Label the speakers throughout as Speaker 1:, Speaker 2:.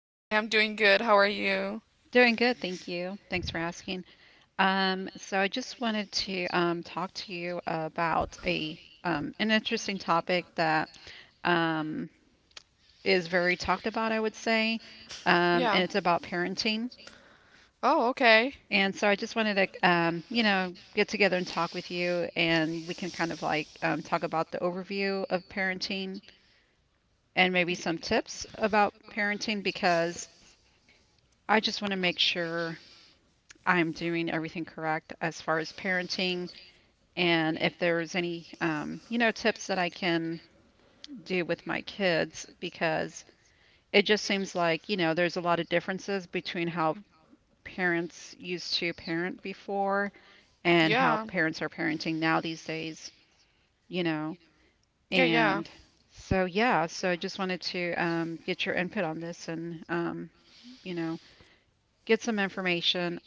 Speaker 1: Hi, I'm doing good. How are you?
Speaker 2: Doing good, thank you. Thanks for asking. So I just wanted to talk to you about a an interesting topic that um, is very talked about, I would say, and
Speaker 1: Yeah.
Speaker 2: it's about parenting.
Speaker 1: Oh, okay.
Speaker 2: And so I just wanted to, get together and talk with you, and we can talk about the overview of parenting and maybe
Speaker 1: Y-
Speaker 2: some tips about parenting because I just want to make sure I'm doing everything correct as far as parenting, and if there's any, tips that I can do with my kids, because it just seems like, you know, there's a lot of differences between how parents used to parent before and how
Speaker 1: Yeah.
Speaker 2: parents are parenting now these days, you know.
Speaker 1: Yeah.
Speaker 2: And so I just wanted to get your input on this and, you know, get some information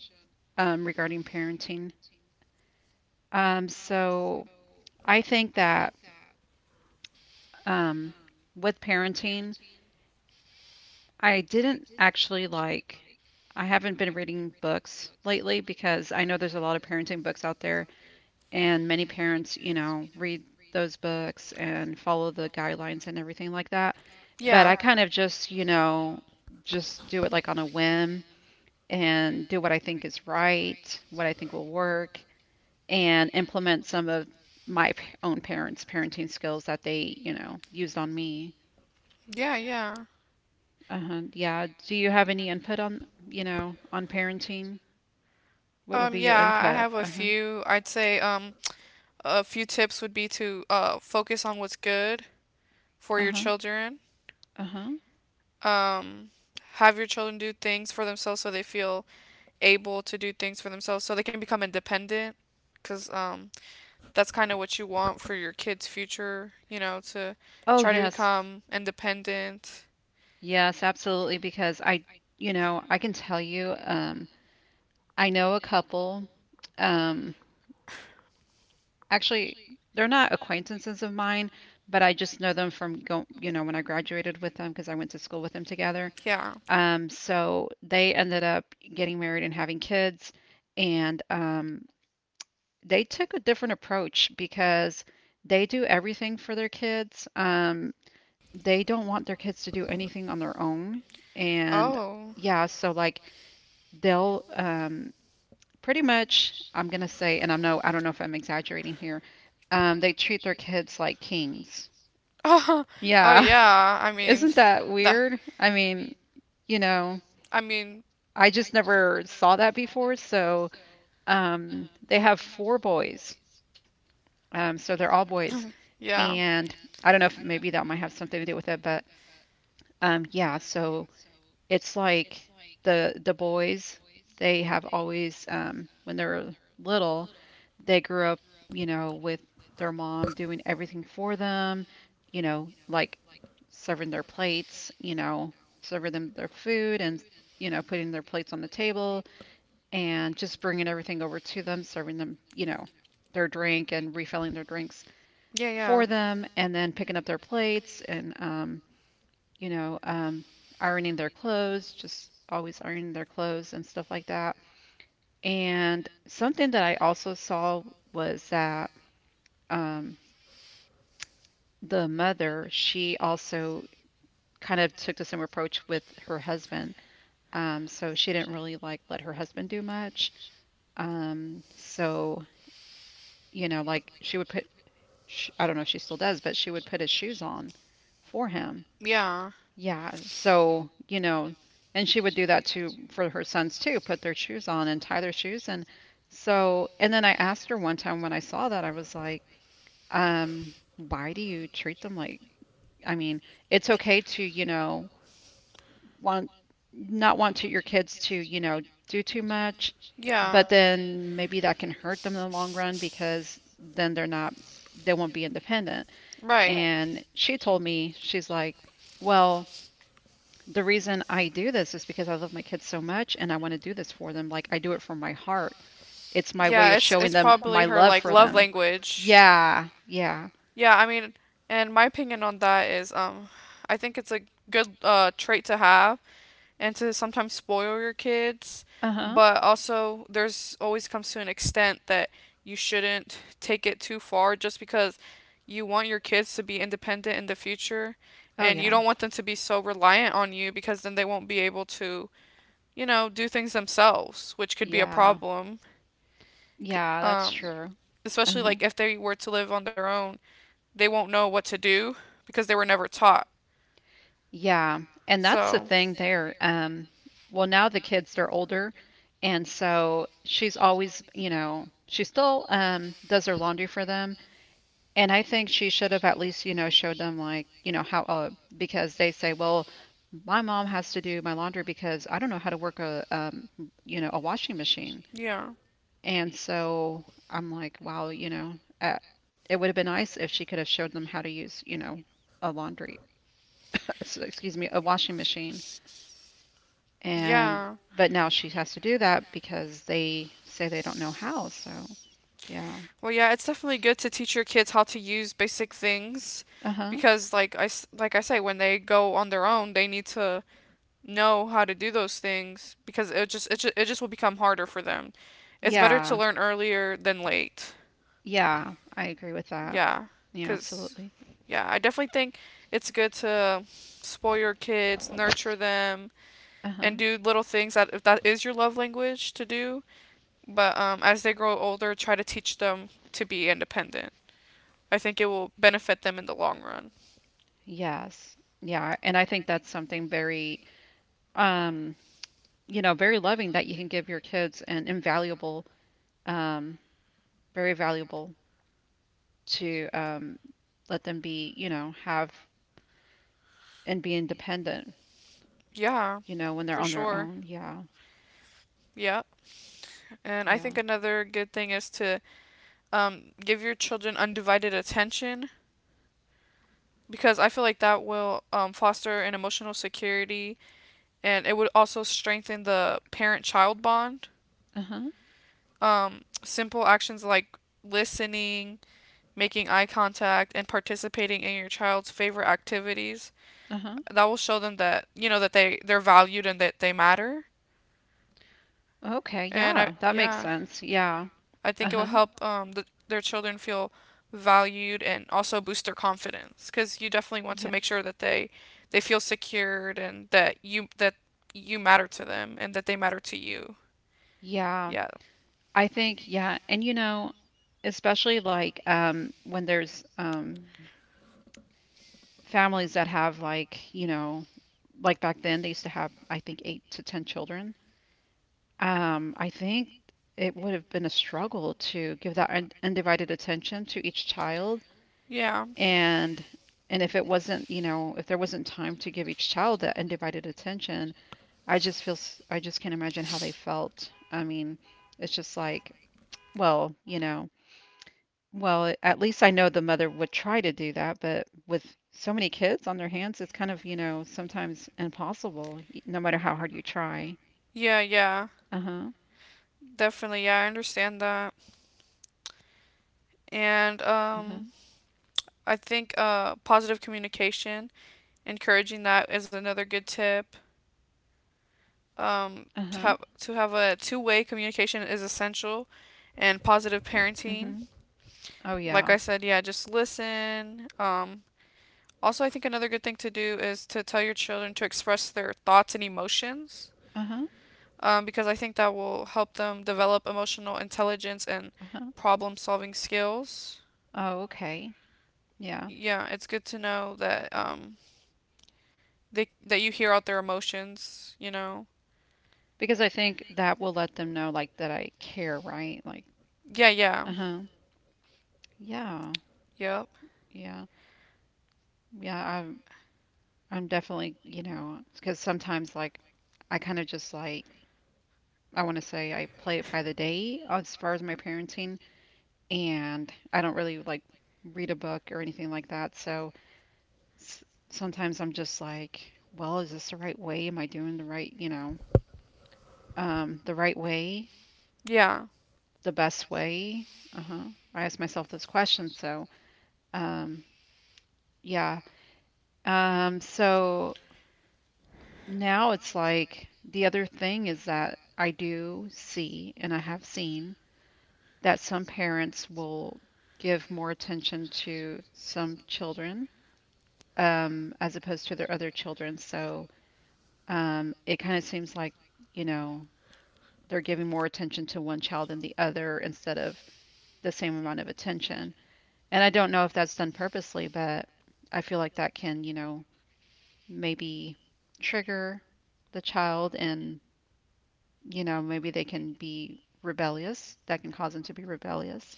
Speaker 2: regarding parenting. So I think that um, with parenting. I didn't I haven't been reading books lately because I know there's a lot of parenting books out there, and many parents, you know, read those books and follow the guidelines and everything like that. But
Speaker 1: Yeah.
Speaker 2: I kind of just, you know, just do it like on a whim and do what I think is right, what I think will work, and implement some of own parents' parenting skills that they, you know, used on me.
Speaker 1: Yeah.
Speaker 2: Uh-huh. Yeah. Do you have any input on, you know, on parenting? What would
Speaker 1: Um,
Speaker 2: be your
Speaker 1: yeah, I
Speaker 2: input?
Speaker 1: have a
Speaker 2: Uh-huh.
Speaker 1: few. I'd say a few tips would be to focus on what's good for your
Speaker 2: Uh-huh.
Speaker 1: children.
Speaker 2: Uh-huh.
Speaker 1: Um, have your children do things for themselves so they feel able to do things for themselves so they can become independent. Because. That's kind of what you want for your kids' future, you know, to
Speaker 2: Oh,
Speaker 1: try to
Speaker 2: yes.
Speaker 1: become independent.
Speaker 2: Yes, absolutely. Because I, you know, I can tell you, I know a couple. Um, actually, they're not acquaintances of mine, but I just know them from go, you know, when I graduated with them because I went to school with them together.
Speaker 1: Yeah.
Speaker 2: So they ended up getting married and having kids, and they took a different approach because they do everything for their kids. They don't want their kids to do anything on their own. And
Speaker 1: Oh.
Speaker 2: yeah, so like they'll pretty much, I'm gonna say, and I know I don't know if I'm exaggerating here, they treat their kids like kings.
Speaker 1: Oh, oh
Speaker 2: Yeah,
Speaker 1: yeah.
Speaker 2: isn't that
Speaker 1: That.
Speaker 2: weird? I mean, you know,
Speaker 1: I mean,
Speaker 2: I just never saw that before. So they have four boys, so they're all boys. And
Speaker 1: yeah.
Speaker 2: I don't know if maybe that might have something to do with it, but um, yeah, so it's like the boys, they have always when they were little, they grew up, you know, with their mom doing everything for them, you know, like serving their plates, you know, serving them their food and you know, putting their plates on the table and just bringing everything over to them, serving them, you know, their drink and refilling their drinks
Speaker 1: Yeah.
Speaker 2: for them and then picking up their plates and you know um, ironing their clothes just always ironing their clothes and stuff like that and something that I also saw was that um, the mother she also kind of took the same approach with her husband, so she didn't really like let her husband do much. So you know like she would put I don't know if she still does but she would put his shoes on for him.
Speaker 1: Yeah.
Speaker 2: Yeah, so, you know, and she would do that too for her sons too, put their shoes on and tie their shoes. And so, and then I asked her one time when I saw that, I was like, why do you treat them like, I mean, it's okay to, you know, want, not want to your kids to, you know, do too much,
Speaker 1: Yeah.
Speaker 2: but then maybe that can hurt them in the long run because then they're not, they won't be independent.
Speaker 1: Right.
Speaker 2: And she told me, she's like, well, the reason I do this is because I love my kids so much and I want to do this for them. Like I do it from my heart. It's my way
Speaker 1: Yeah,
Speaker 2: of
Speaker 1: it's
Speaker 2: showing them my
Speaker 1: probably her
Speaker 2: love
Speaker 1: like
Speaker 2: for
Speaker 1: love
Speaker 2: them.
Speaker 1: language.
Speaker 2: Yeah, yeah.
Speaker 1: Yeah, I mean, and my opinion on that is, I think it's a good trait to have, and to sometimes spoil your kids,
Speaker 2: Uh-huh.
Speaker 1: but also there's always comes to an extent that you shouldn't take it too far just because you want your kids to be independent in the future
Speaker 2: Oh
Speaker 1: and you
Speaker 2: yeah.
Speaker 1: don't want them to be so reliant on you because then they won't be able to, you know, do things themselves, which could be a
Speaker 2: Yeah.
Speaker 1: problem.
Speaker 2: Yeah, that's
Speaker 1: Um,
Speaker 2: true.
Speaker 1: Especially
Speaker 2: Uh-huh.
Speaker 1: like if they were to live on their own, they won't know what to do because they were never taught.
Speaker 2: Yeah. And that's the
Speaker 1: So,
Speaker 2: thing there. Well, now the kids they're older and so she's always, you know, she still does their laundry for them. And I think she should have at least, you know, showed them like, you know, how because they say, well, my mom has to do my laundry because I don't know how to work a you know, a washing machine.
Speaker 1: yeah.
Speaker 2: And so I'm like, wow, you know, uh, it would have been nice if she could have showed them how to use, you know, a laundry, so- excuse me, a washing machine. And
Speaker 1: Yeah.
Speaker 2: but now she has to do that because they say they don't know how. So, yeah.
Speaker 1: Well, yeah, it's definitely good to teach your kids how to use basic things
Speaker 2: Uh-huh.
Speaker 1: because like I say when they go on their own, they need to know how to do those things because it just will become harder for them. It's better to
Speaker 2: Yeah.
Speaker 1: learn earlier than late.
Speaker 2: Yeah, I agree with that.
Speaker 1: Yeah,
Speaker 2: Yeah,
Speaker 1: cuz
Speaker 2: absolutely.
Speaker 1: yeah, I definitely think it's good to spoil your kids, nurture them,
Speaker 2: Uh-huh.
Speaker 1: and do little things that if that is your love language to do. But as they grow older, try to teach them to be independent. I think it will benefit them in the long run.
Speaker 2: Yes. Yeah, and I think that's something very um, you know, very loving that you can give your kids and invaluable um very valuable to let them be, you know, have and be independent,
Speaker 1: Yeah,
Speaker 2: you know, when they're
Speaker 1: for
Speaker 2: on their
Speaker 1: sure.
Speaker 2: own. Yeah.
Speaker 1: Yeah. And I
Speaker 2: Yeah.
Speaker 1: think another good thing is to give your children undivided attention because I feel like that will foster an emotional security and it would also strengthen the parent child bond.
Speaker 2: Uh-huh.
Speaker 1: Simple actions like listening, making eye contact, and participating in your child's favorite activities
Speaker 2: Uh-huh.
Speaker 1: that will show them that you know that they're valued and that they matter.
Speaker 2: Okay,
Speaker 1: And I
Speaker 2: yeah. That makes
Speaker 1: yeah.
Speaker 2: sense. Yeah.
Speaker 1: I think it will
Speaker 2: Uh-huh.
Speaker 1: help their children feel valued and also boost their confidence because you definitely want to
Speaker 2: Yeah.
Speaker 1: make sure that they feel secured and that you matter to them and that they matter to you.
Speaker 2: Yeah.
Speaker 1: Yeah.
Speaker 2: I think yeah, and you know, especially like when there's families that have like, you know, like back then they used to have I think 8 to 10 children. I think it would have been a struggle to give that undivided attention to each child
Speaker 1: Yeah.
Speaker 2: and and if it wasn't, you know, if there wasn't time to give each child that undivided attention, I just can't imagine how they felt. I mean, it's just like, well, you know, Well, a at least I know the mother would try to do that, but with so many kids on their hands, it's kind of, you know, sometimes impossible, y no matter how hard you try.
Speaker 1: Yeah.
Speaker 2: Uh-huh,
Speaker 1: Definitely. Yeah, I understand that. And
Speaker 2: uh-huh,
Speaker 1: I think positive communication, encouraging that is another good tip. Um to
Speaker 2: uh-huh,
Speaker 1: have a two-way communication is essential and positive parenting
Speaker 2: mhm. Oh,
Speaker 1: like
Speaker 2: yeah.
Speaker 1: I said, yeah, just listen. Also, I think another good thing to do is to tell your children to express their thoughts and emotions
Speaker 2: Uh-huh,
Speaker 1: because I think that will help them develop emotional intelligence and
Speaker 2: uh-huh.
Speaker 1: problem solving skills.
Speaker 2: Oh, okay. Yeah.
Speaker 1: Yeah, it's good to know that they that you hear out their emotions, you know.
Speaker 2: Because I think that will let them know, like, that I care, right? Like,
Speaker 1: Yeah.
Speaker 2: uh-huh. Yeah.
Speaker 1: Yep.
Speaker 2: Yeah. Yeah, I'm I'm definitely, you know, because sometimes, like, I kind of just like I want to say I play it by the day as far as my parenting and I don't really like read a book or anything like that. So s- sometimes I'm just like, well, is this the right way? Am I doing the right, you know, um, the right way,
Speaker 1: Yeah.
Speaker 2: the best way? Uh-huh. I ask myself those questions. So, um, yeah. So now it's like the other thing is that I do see, and I have seen that some parents will give more attention to some children as opposed to their other children. So it kind of seems like, you know, they're giving more attention to one child than the other instead of the same amount of attention. And I don't know if that's done purposely, but I feel like that can, you know, maybe trigger the child and, you know, maybe they can be rebellious. That can cause them to be rebellious.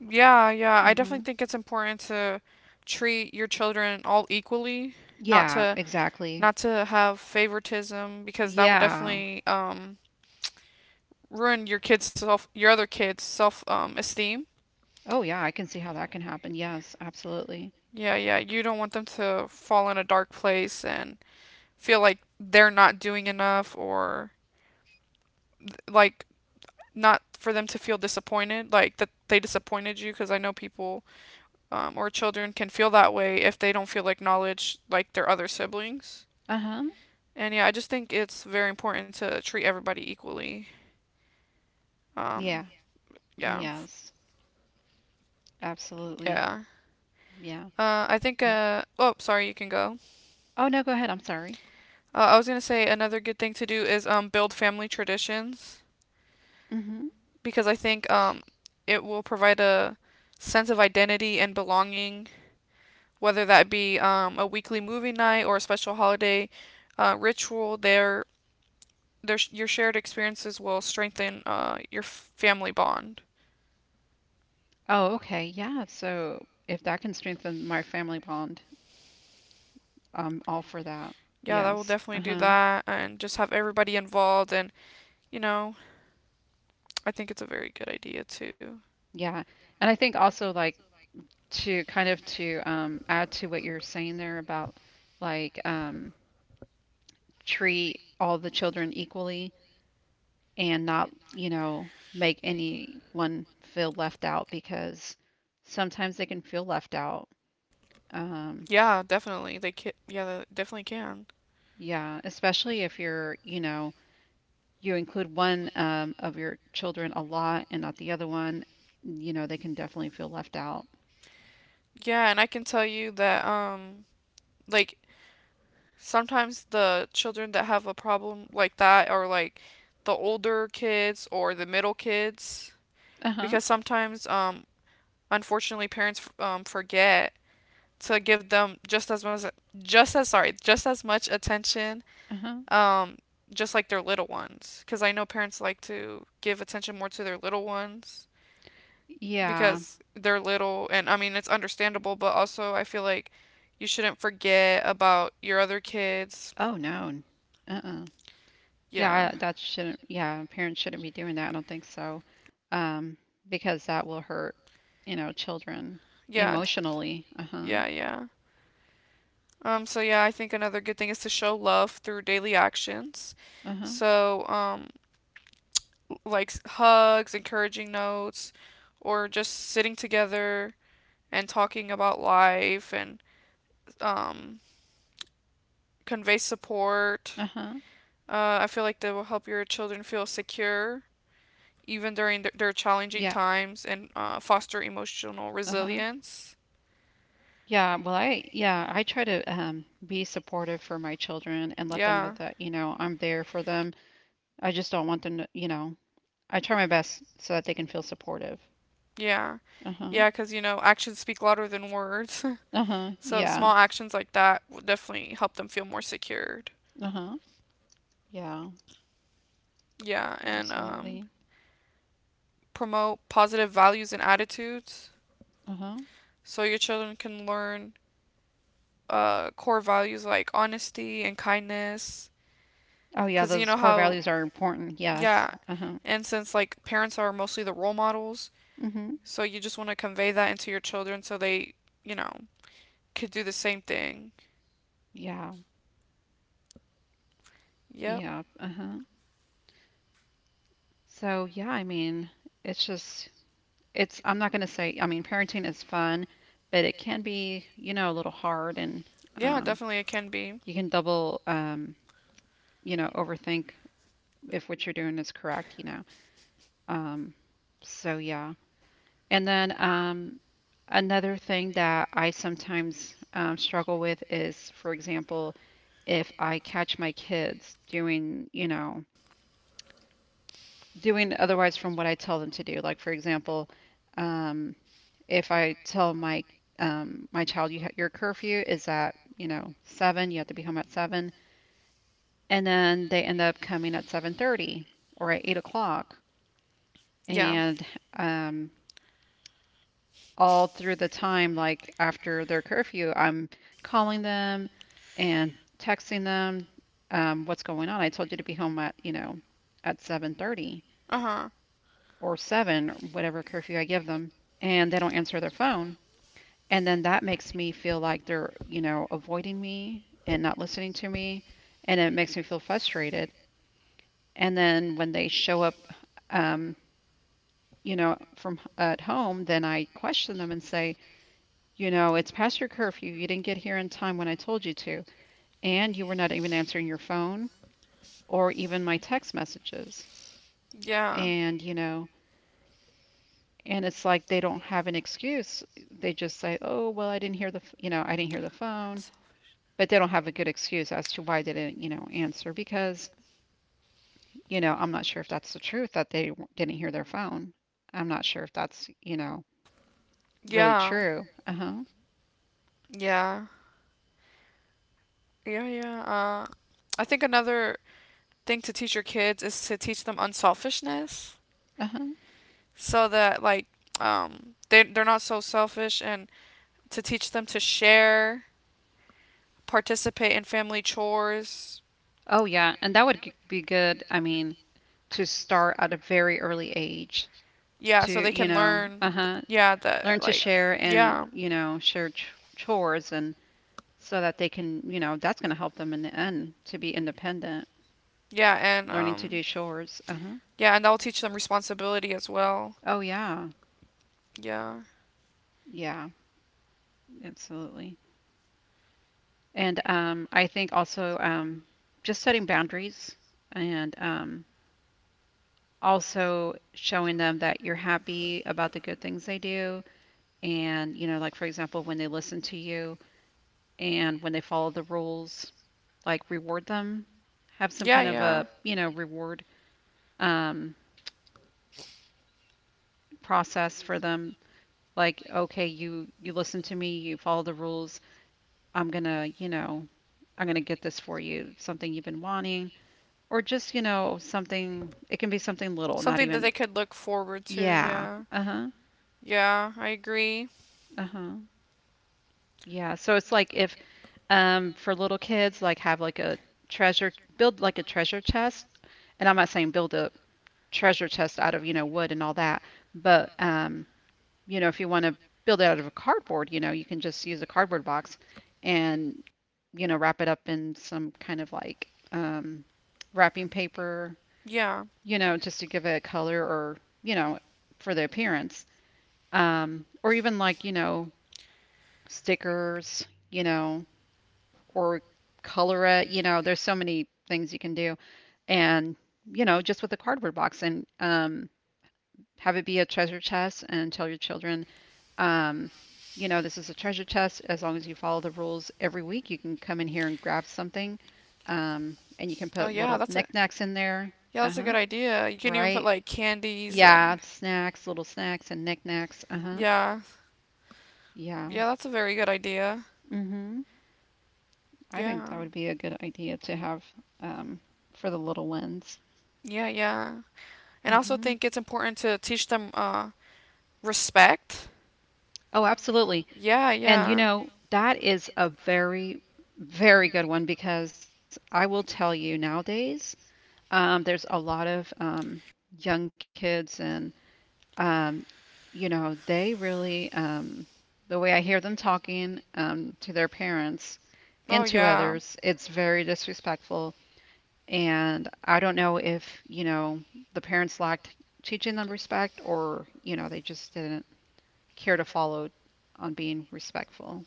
Speaker 1: Yeah. I definitely
Speaker 2: Hmm.
Speaker 1: think it's important to treat your children all equally, not
Speaker 2: Yeah,
Speaker 1: to
Speaker 2: exactly.
Speaker 1: have favoritism because that will
Speaker 2: Yeah.
Speaker 1: definitely ruin your other kids' self esteem.
Speaker 2: Oh, yeah, I can see how that can happen. Yes, absolutely.
Speaker 1: Yeah. You don't want them to fall in a dark place and feel like they're not doing enough or like not for them to feel disappointed, like that they disappointed you. Because I know people or children can feel that way if they don't feel acknowledged like their other siblings.
Speaker 2: Uh-huh.
Speaker 1: And yeah, I just think it's very important to treat everybody equally. Um,
Speaker 2: Yeah.
Speaker 1: yeah,
Speaker 2: Yes, absolutely.
Speaker 1: yeah.
Speaker 2: Yeah.
Speaker 1: I think.
Speaker 2: Uh,
Speaker 1: Oh, sorry, you can go.
Speaker 2: oh, no, go ahead. I'm sorry.
Speaker 1: I was gonna say another good thing to do is build family traditions
Speaker 2: Mm-hmm.
Speaker 1: because I think it will provide a sense of identity and belonging, whether that be a weekly movie night or a special holiday ritual. Their your shared experiences will strengthen your family bond.
Speaker 2: Oh, okay. Yeah. So if that can strengthen my family bond, I'm all for that.
Speaker 1: Yeah, that will
Speaker 2: Yes.
Speaker 1: definitely do
Speaker 2: Uh-huh.
Speaker 1: that, and just have everybody involved, and you know, I think it's a very good idea too.
Speaker 2: Yeah. And I think also like to kind of to add to what you're saying there about like um treat all the children equally and not, you know, make anyone feel left out because sometimes they can feel left out. Um,
Speaker 1: Yeah, definitely. They can, yeah, they definitely can.
Speaker 2: yeah, especially if you're, you know, you include one of your children a lot and not the other one, you know, they can definitely feel left out.
Speaker 1: Yeah, and I can tell you that like sometimes the children that have a problem like that are like the older kids or the middle kids
Speaker 2: Uh huh.
Speaker 1: because sometimes unfortunately parents forget to give them just as much attention
Speaker 2: Uh huh.
Speaker 1: um just like their little ones because I know parents like to give attention more to their little ones
Speaker 2: Yeah.
Speaker 1: because they're little and I mean it's understandable, but also I feel like you shouldn't forget about your other kids.
Speaker 2: Oh, no. Uh-uh.
Speaker 1: Yeah.
Speaker 2: Yeah, that shouldn't, yeah, parents shouldn't be doing that. I don't think so. Um, because that will hurt, you know, children
Speaker 1: Yeah.
Speaker 2: emotionally. Uh-huh.
Speaker 1: Yeah. So yeah, I think another good thing is to show love through daily actions.
Speaker 2: Uh-huh.
Speaker 1: So, like hugs, encouraging notes, or just sitting together and talking about life and um convey support.
Speaker 2: Uh-huh.
Speaker 1: I feel like that will help your children feel secure even during their challenging
Speaker 2: Yeah.
Speaker 1: times and foster emotional
Speaker 2: Uh-huh.
Speaker 1: resilience.
Speaker 2: Yeah, I try to be supportive for my children and let them know
Speaker 1: Yeah,
Speaker 2: that, you know, I'm there for them. I just don't want them to, you know, I try my best so that they can feel supportive.
Speaker 1: yeah,
Speaker 2: Uh-huh.
Speaker 1: yeah, because you know, actions speak louder than words.
Speaker 2: Uh-huh.
Speaker 1: So,
Speaker 2: Yeah.
Speaker 1: small actions like that will definitely help them feel more secured.
Speaker 2: Uh-huh. Yeah,
Speaker 1: Yeah, and
Speaker 2: absolutely.
Speaker 1: promote positive values and attitudes
Speaker 2: Uh-huh.
Speaker 1: so your children can learn core values like honesty and kindness.
Speaker 2: Oh yeah,
Speaker 1: Because you
Speaker 2: those
Speaker 1: know
Speaker 2: core
Speaker 1: how,
Speaker 2: values are important. Yes.
Speaker 1: yeah,
Speaker 2: Uh-huh.
Speaker 1: And since like parents are mostly the role models,
Speaker 2: Mhm.
Speaker 1: so you just want to convey that into your children so they, you know, could do the same thing.
Speaker 2: Yeah.
Speaker 1: Yep.
Speaker 2: Yeah. Uh-huh. So yeah, I mean, it's just it's I'm not going to say I mean parenting is fun, but it can be, you know, a little hard and
Speaker 1: Yeah,
Speaker 2: um,
Speaker 1: definitely it can be.
Speaker 2: you can double you know, overthink if what you're doing is correct, you know. Um, so yeah. And then another thing that I sometimes struggle with is, for example, if I catch my kids doing, you know, doing otherwise from what I tell them to do. Like for example, um, if I tell my my child your curfew is at you know seven, you have to be home at seven, and then they end up coming at 7:30 or at 8 o'clock,
Speaker 1: Yeah.
Speaker 2: and um, all through the time like after their curfew, I'm calling them and texting them what's going on. I told you to be home at you know at 7:30
Speaker 1: Uh-huh.
Speaker 2: or seven or whatever curfew I give them, and they don't answer their phone. And then that makes me feel like they're, you know, avoiding me and not listening to me. And it makes me feel frustrated. And then when they show up, um, you know, from at home, then I question them and say, you know, it's past your curfew. You didn't get here in time when I told you to. And you were not even answering your phone or even my text messages.
Speaker 1: Yeah.
Speaker 2: And, you know, and it's like they don't have an excuse. They just say, oh, well, I didn't hear the, you know, I didn't hear the phone. But they don't have a good excuse as to why they didn't, you know, answer because, you know, I'm not sure if that's the truth that they didn't hear their phone. I'm not sure if that's, you know, really
Speaker 1: Yeah.
Speaker 2: true. Uh-huh.
Speaker 1: Yeah. Yeah. I think another thing to teach your kids is to teach them unselfishness
Speaker 2: Uh-huh.
Speaker 1: so that they're not so selfish and to teach them to share participate in family chores.
Speaker 2: Oh yeah, and that would be good. I mean, to start at a very early age
Speaker 1: Yeah, so
Speaker 2: to,
Speaker 1: they
Speaker 2: you
Speaker 1: can
Speaker 2: know,
Speaker 1: learn.
Speaker 2: uh-huh,
Speaker 1: Yeah,
Speaker 2: learn
Speaker 1: that
Speaker 2: to
Speaker 1: like
Speaker 2: share
Speaker 1: yeah,
Speaker 2: and, you know, share ch chores and so that they can, you know, that's going to help them in the end to be independent,
Speaker 1: yeah, and
Speaker 2: learning to
Speaker 1: um,
Speaker 2: do chores. Uh-huh.
Speaker 1: yeah, and that will teach them responsibility as well.
Speaker 2: Oh yeah.
Speaker 1: Yeah,
Speaker 2: Yeah, absolutely. And I think also just setting boundaries and also showing them that you're happy about the good things they do. And, you know, like for example, when they listen to you and when they follow the rules, like reward them, have some
Speaker 1: yeah,
Speaker 2: kind of
Speaker 1: yeah.
Speaker 2: a, you know, reward um, process for them. Like, okay, you listen to me, you follow the rules. I'm gonna, you know, I'm gonna get this for you, something you've been wanting. Or just, you know, something, it can be something little, not
Speaker 1: Something that
Speaker 2: even,
Speaker 1: they could look forward to.
Speaker 2: yeah.
Speaker 1: Yeah,
Speaker 2: Uh-huh.
Speaker 1: yeah, I agree.
Speaker 2: Uh-huh. Yeah. So it's like if for little kids like have like a treasure chest. And I'm not saying build a treasure chest out of, you know, wood and all that, but you know, if you want to build it out of a cardboard, you know, you can just use a cardboard box and, you know, wrap it up in some kind of like wrapping paper,
Speaker 1: Yeah.
Speaker 2: you know, just to give it color or, you know, for the appearance. Or even like, you know, stickers, you know, or color it, you know, there's so many things you can do. And, you know, just with a cardboard box and have it be a treasure chest and tell your children, um, you know, this is a treasure chest. As long as you follow the rules every week, you can come in here and grab something. And you can
Speaker 1: Oh
Speaker 2: put
Speaker 1: yeah,
Speaker 2: little
Speaker 1: that's a
Speaker 2: knickknacks in there.
Speaker 1: yeah, that's a good
Speaker 2: Uh-huh.
Speaker 1: idea. You can even put
Speaker 2: Right.
Speaker 1: like candies
Speaker 2: Yeah,
Speaker 1: and
Speaker 2: snacks, little snacks and knickknacks. Uh-huh.
Speaker 1: yeah,
Speaker 2: Yeah.
Speaker 1: yeah, that's a very good idea.
Speaker 2: Mm-hmm. I think
Speaker 1: Yeah,
Speaker 2: that would be a good idea to have um for the little ones.
Speaker 1: yeah. And I also
Speaker 2: Mm-hmm.
Speaker 1: think it's important to teach them respect.
Speaker 2: Oh,
Speaker 1: Oh,
Speaker 2: absolutely.
Speaker 1: Yeah,
Speaker 2: And you
Speaker 1: yeah.
Speaker 2: know, that is a very, very good one because I will tell you nowadays, there's a lot of young kids and um, you know, they really the way I hear them talking to their parents
Speaker 1: Oh,
Speaker 2: and to
Speaker 1: yeah.
Speaker 2: others, it's very disrespectful. And I don't know if, you know, the parents lacked teaching them respect or, you know, they just didn't care to follow on being respectful.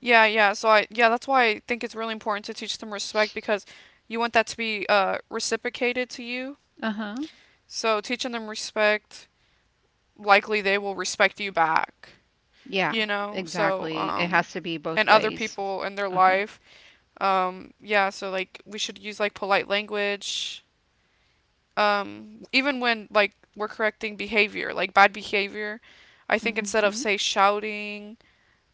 Speaker 1: Yeah. So I yeah, that's why I think it's really important to teach them respect because you want that to be reciprocated to you.
Speaker 2: Uh-huh.
Speaker 1: So teaching them respect, likely they will respect you back,
Speaker 2: Yeah,
Speaker 1: you know?
Speaker 2: exactly. It has to be both
Speaker 1: And other
Speaker 2: ways.
Speaker 1: people in their
Speaker 2: Uh-huh.
Speaker 1: life. Yeah, so like we should use like polite language, even when like we're correcting behavior, like bad behavior, I think
Speaker 2: Mm-hmm.
Speaker 1: instead of say shouting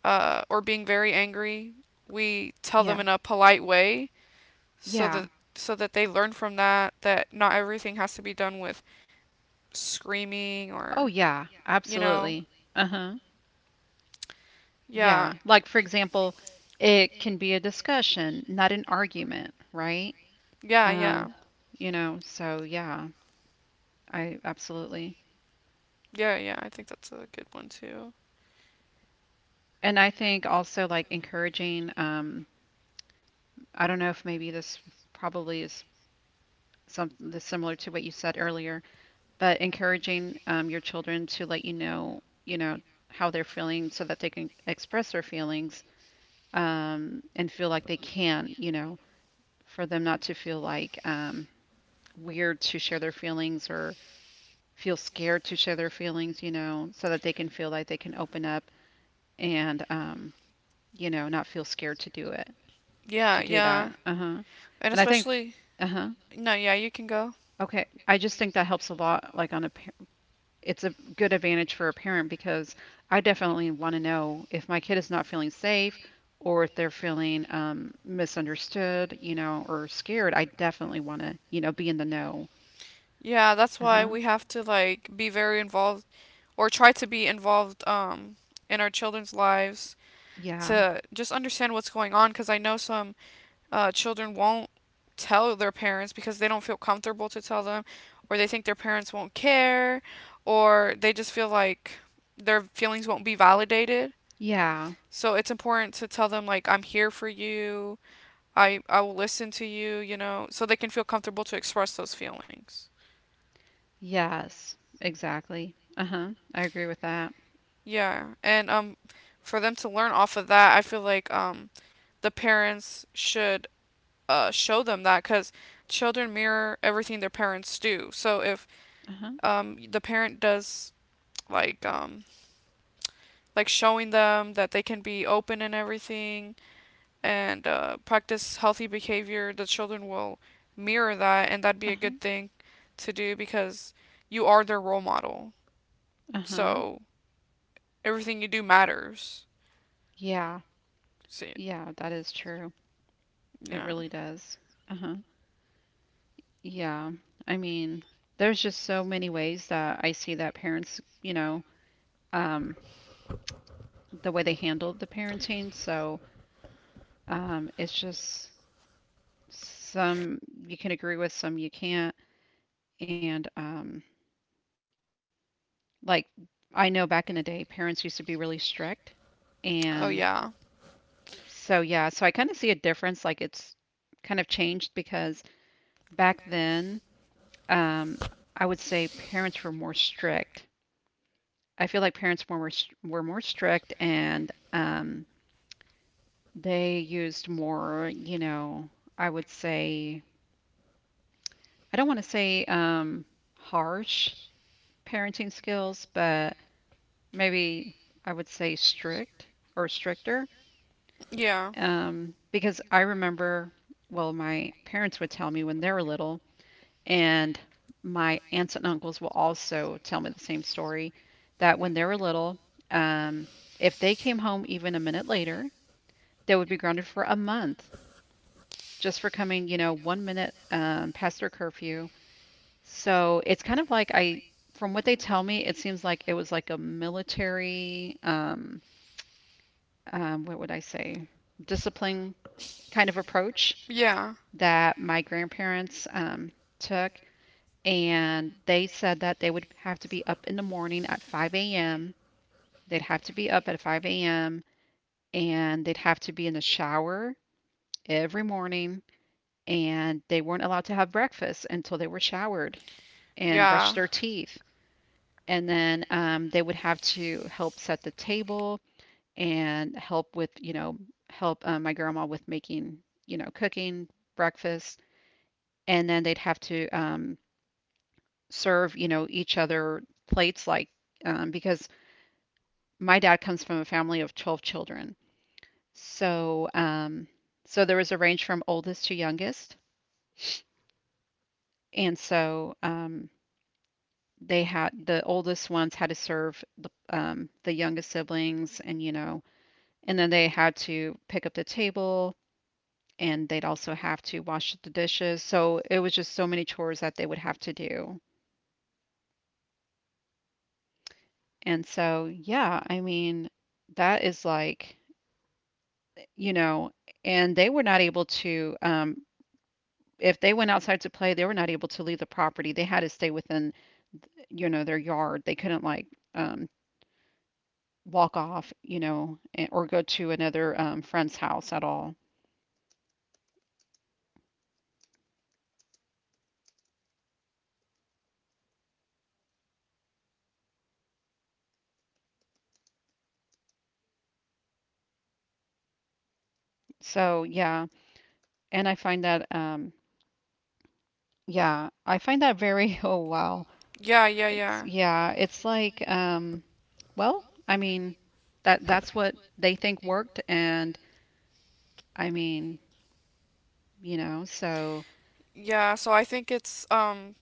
Speaker 1: or being very angry, we tell
Speaker 2: Yeah.
Speaker 1: them in a polite way so
Speaker 2: Yeah.
Speaker 1: that so that they learn from that that not everything has to be done with screaming
Speaker 2: Oh,
Speaker 1: or
Speaker 2: yeah.
Speaker 1: you know,
Speaker 2: Absolutely. Uh-huh.
Speaker 1: yeah,
Speaker 2: Yeah. Like, for example, it can be a discussion, not an argument, right?
Speaker 1: yeah, yeah,
Speaker 2: Um, you know, so yeah, I absolutely.
Speaker 1: yeah. I think that's a good one too.
Speaker 2: And I think also like encouraging, I don't know if maybe this probably is some this similar to what you said earlier, but encouraging your children to let you know, how they're feeling so that they can express their feelings and feel like they can, you know, for them not to feel like weird to share their feelings or feel scared to share their feelings, you know, so that they can feel like they can open up and, you know, not feel scared to do it.
Speaker 1: Yeah, yeah,
Speaker 2: To do
Speaker 1: yeah. Mm-hmm. and
Speaker 2: that. Uh-huh. And I think,
Speaker 1: especially
Speaker 2: uh-huh.
Speaker 1: no, yeah, you can go.
Speaker 2: Okay. I just think that helps a lot, like on a, it's a good advantage for a parent because I definitely want to know if my kid is not feeling safe or if they're feeling misunderstood, you know, or scared. I definitely want to, you know, be in the know.
Speaker 1: Yeah, that's why
Speaker 2: Uh-huh.
Speaker 1: we have to like be very involved or try to be involved in our children's lives
Speaker 2: Yeah.
Speaker 1: to just understand what's going on because I know some children won't tell their parents because they don't feel comfortable to tell them or they think their parents won't care or they just feel like their feelings won't be validated.
Speaker 2: Yeah.
Speaker 1: So it's important to tell them like I'm here for you. I will listen to you, you know, so they can feel comfortable to express those feelings.
Speaker 2: Yes. Exactly. Uh-huh. I agree with that.
Speaker 1: Yeah, and for them to learn off of that, I feel like the parents should show them that because children mirror everything their parents do. So if
Speaker 2: Uh-huh.
Speaker 1: the parent does like um, like showing them that they can be open and everything and practice healthy behavior, the children will mirror that, and that'd be a
Speaker 2: Uh-huh.
Speaker 1: good thing to do because you are their role model.
Speaker 2: Uh-huh.
Speaker 1: So everything you do matters.
Speaker 2: Yeah.
Speaker 1: See,
Speaker 2: Yeah, that is true. It
Speaker 1: yeah.
Speaker 2: really does. Uh-huh. Yeah. I mean, there's just so many ways that I see that parents, you know, um, the way they handle the parenting. So it's just some you can agree with, some you can't. And like I know back in the day, parents used to be really strict.
Speaker 1: Oh
Speaker 2: And
Speaker 1: yeah.
Speaker 2: so, yeah, so I kind of see a difference. Like it's kind of changed because back then, um, I would say parents were more strict. I feel like parents were were more strict and they used more, you know, I would say I don't want to say harsh parenting skills, but maybe I would say strict or stricter,
Speaker 1: Yeah.
Speaker 2: because I remember, well, my parents would tell me when they were little, and my aunts and uncles will also tell me the same story that when they were little, um, if they came home even a minute later, they would be grounded for a month just for coming, you know, one minute past their curfew. So it's kind of like I, from what they tell me, it seems like it was like a military, what would I say, discipline kind of approach
Speaker 1: Yeah.
Speaker 2: that my grandparents took. And they said that they would have to be up in the morning at 5 a.m. They'd have to be up at 5 a.m. and they'd have to be in the shower every morning and they weren't allowed to have breakfast until they were showered and brushed
Speaker 1: Yeah.
Speaker 2: their teeth. And then they would have to help set the table and help with, you know, help my grandma with making, you know, cooking breakfast. And then they'd have to serve, you know, each other plates like because my dad comes from a family of 12 children. So so there was a range from oldest to youngest. And so they had the oldest ones had to serve the youngest siblings, and you know, and then they had to pick up the table, and they'd also have to wash the dishes. So it was just so many chores that they would have to do. And so yeah, I mean, that is like, you know, and they were not able to, if they went outside to play, they were not able to leave the property. They had to stay within, you know, their yard. They couldn't like, um, walk off, you know, or go to another friend's house at all. So yeah, and I find that, yeah, I find that very oh wow,
Speaker 1: Yeah, yeah,
Speaker 2: it's
Speaker 1: yeah.
Speaker 2: yeah, it's like well, I mean, that's what they think worked, and I mean, you know, so
Speaker 1: Yeah, so I think it's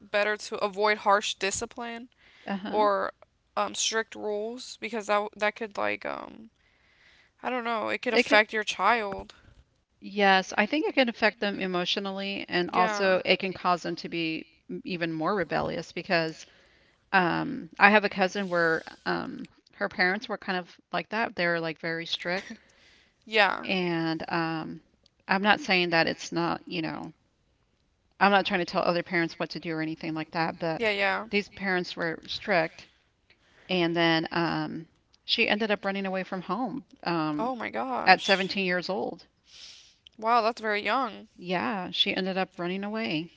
Speaker 1: better to avoid harsh discipline
Speaker 2: uh-huh.
Speaker 1: or strict rules because that could I don't know, it could
Speaker 2: It could.
Speaker 1: affect your child.
Speaker 2: Yes, I think it can affect them emotionally, and
Speaker 1: Yeah.
Speaker 2: also it can cause them to be even more rebellious because um, I have a cousin where her parents were kind of like that. They were like very strict.
Speaker 1: Yeah.
Speaker 2: And I'm not saying that it's not, you know, I'm not trying to tell other parents what to do or anything like that, but
Speaker 1: Yeah.
Speaker 2: these parents were strict. And then she ended up running away from home
Speaker 1: Oh my
Speaker 2: at
Speaker 1: gosh.
Speaker 2: 17 years old.
Speaker 1: Wow, that's very young.
Speaker 2: Yeah, she ended up running away